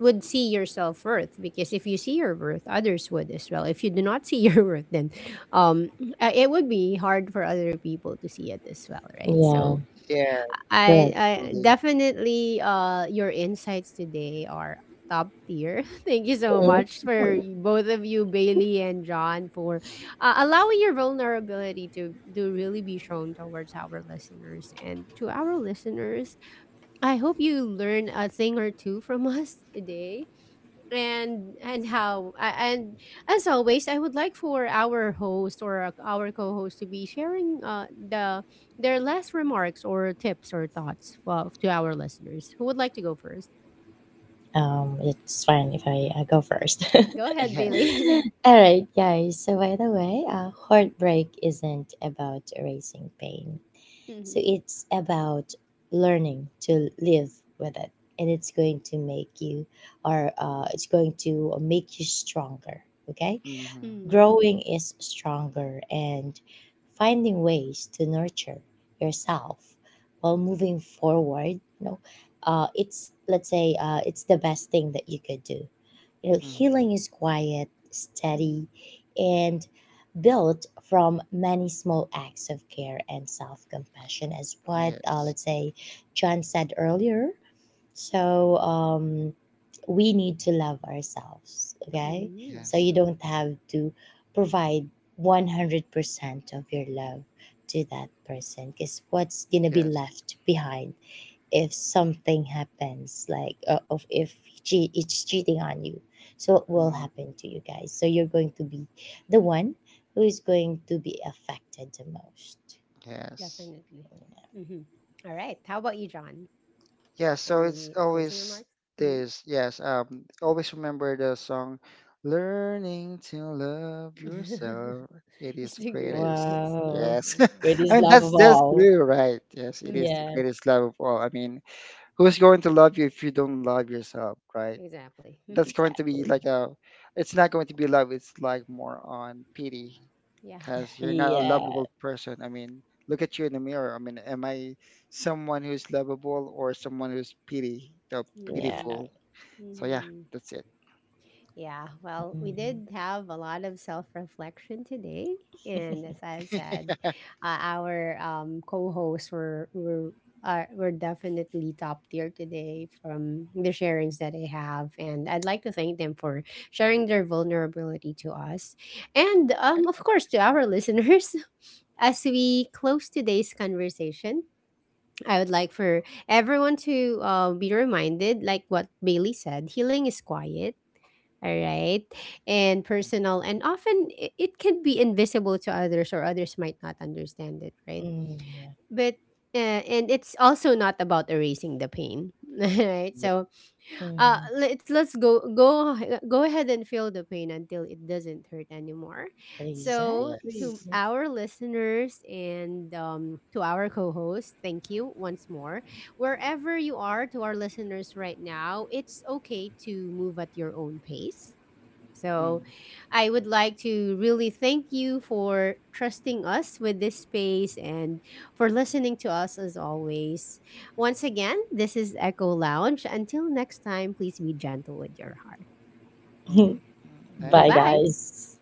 Speaker 1: would see your self-worth. Because if you see your worth, others would as well. If you do not see your worth, then um it would be hard for other people to see it as well, right?
Speaker 3: Yeah.
Speaker 1: So
Speaker 2: Yeah.
Speaker 3: You're right.
Speaker 1: I
Speaker 2: Really.
Speaker 1: definitely, your insights today are top tier. Thank you so
Speaker 3: Mhm.
Speaker 1: much, both of you, Bailey and John, for allowing your vulnerability to really be shown towards our listeners. And to our listeners, I hope you learn a thing or two from us today. And as always, I would like for our host, or our co-host, to be sharing the their last remarks or tips or thoughts, of, to our listeners. Who would like to go first?
Speaker 3: It's fine if I go first.
Speaker 1: Go ahead,
Speaker 2: Yes.
Speaker 1: Bailey.
Speaker 3: All right, guys. So, by the way, heartbreak isn't about erasing pain. So,
Speaker 1: Mhm.
Speaker 3: it's about learning to live with it. And it's going to make you, or it's going to make you stronger. Okay?
Speaker 2: Hmm.
Speaker 1: Mhm.
Speaker 3: Growing is stronger and finding ways to nurture yourself while moving forward. You know, it's let's say it's the best thing that you could do. You know,
Speaker 2: Hmm.
Speaker 3: healing is quiet, steady,
Speaker 1: Mhm.
Speaker 3: and built from many small acts of care and self-compassion, as what,
Speaker 2: Yes,
Speaker 3: let's say, John said earlier. So we need to love ourselves, okay?
Speaker 1: Mhm.
Speaker 3: So
Speaker 2: yes,
Speaker 3: you don't have to provide 100% of your love to that person, because what's gonna be
Speaker 2: yes.
Speaker 3: left behind if something happens, like of if it's cheating on you? So what will
Speaker 2: Hmm.
Speaker 3: happen to you, guys? So you're going to be the one who is going to be affected the most.
Speaker 2: Yes.
Speaker 1: Definitely. Mhm. All right, how about you, John?
Speaker 2: Yeah. So it's
Speaker 1: Any closing
Speaker 2: always
Speaker 1: remarks? Hmm.
Speaker 2: this. Yes, always remember the song, "Learning to Love Yourself." It
Speaker 1: It's
Speaker 2: is the
Speaker 1: the
Speaker 2: greatest.
Speaker 1: greatest
Speaker 3: Wow.
Speaker 1: love
Speaker 2: Yes,
Speaker 1: of all.
Speaker 2: I
Speaker 3: Greatest
Speaker 2: mean
Speaker 3: love of
Speaker 2: that's
Speaker 3: all.
Speaker 2: true, right? Yes, it is
Speaker 1: Mhm.
Speaker 2: the
Speaker 3: Yeah.
Speaker 2: greatest love of all. I mean, who's going to love you if you don't love yourself, right?
Speaker 1: Exactly.
Speaker 2: That's going to be
Speaker 3: Exactly.
Speaker 2: like a, it's not going to be love, it's like more on pity,
Speaker 1: Yeah.
Speaker 2: because you're not a
Speaker 3: Yeah.
Speaker 2: lovable person. I mean, look at you in the mirror. I mean, am I someone who's lovable or someone who's pity, the
Speaker 3: Yeah.
Speaker 1: Hmm.
Speaker 2: pitiful? So yeah,
Speaker 1: Mhm.
Speaker 2: that's it.
Speaker 1: Yeah, well, we
Speaker 3: Mm,
Speaker 1: did have a lot of self reflection today, and as I've said, our co-hosts were definitely top tier today from the sharings that they have, and I'd like to thank them for sharing their vulnerability to us, and of course, to our listeners. As we close today's conversation, I would like for everyone to be reminded, like what Bailey said, healing is quiet, all right, and personal, and often it can be invisible to others, or others might not understand it, right?
Speaker 3: mm, yeah.
Speaker 1: But and it's also not about erasing the pain, right? So
Speaker 3: Hmm.
Speaker 1: let's go go ahead and feel the pain until it doesn't hurt anymore. So
Speaker 3: Exactly.
Speaker 1: to
Speaker 2: Yes.
Speaker 1: our listeners, and to our co-host, thank you once more. Wherever you are, to our listeners right now, it's okay to move at your own pace. So
Speaker 2: Mm-hmm.
Speaker 1: I would like to really thank you for trusting us with this space, and for listening to us as always. Once again, this is Echo Lounge. Until next time, please be gentle with your heart.
Speaker 2: Mm-hmm.
Speaker 3: Bye,
Speaker 2: Nice.
Speaker 1: Goodbye.
Speaker 3: guys.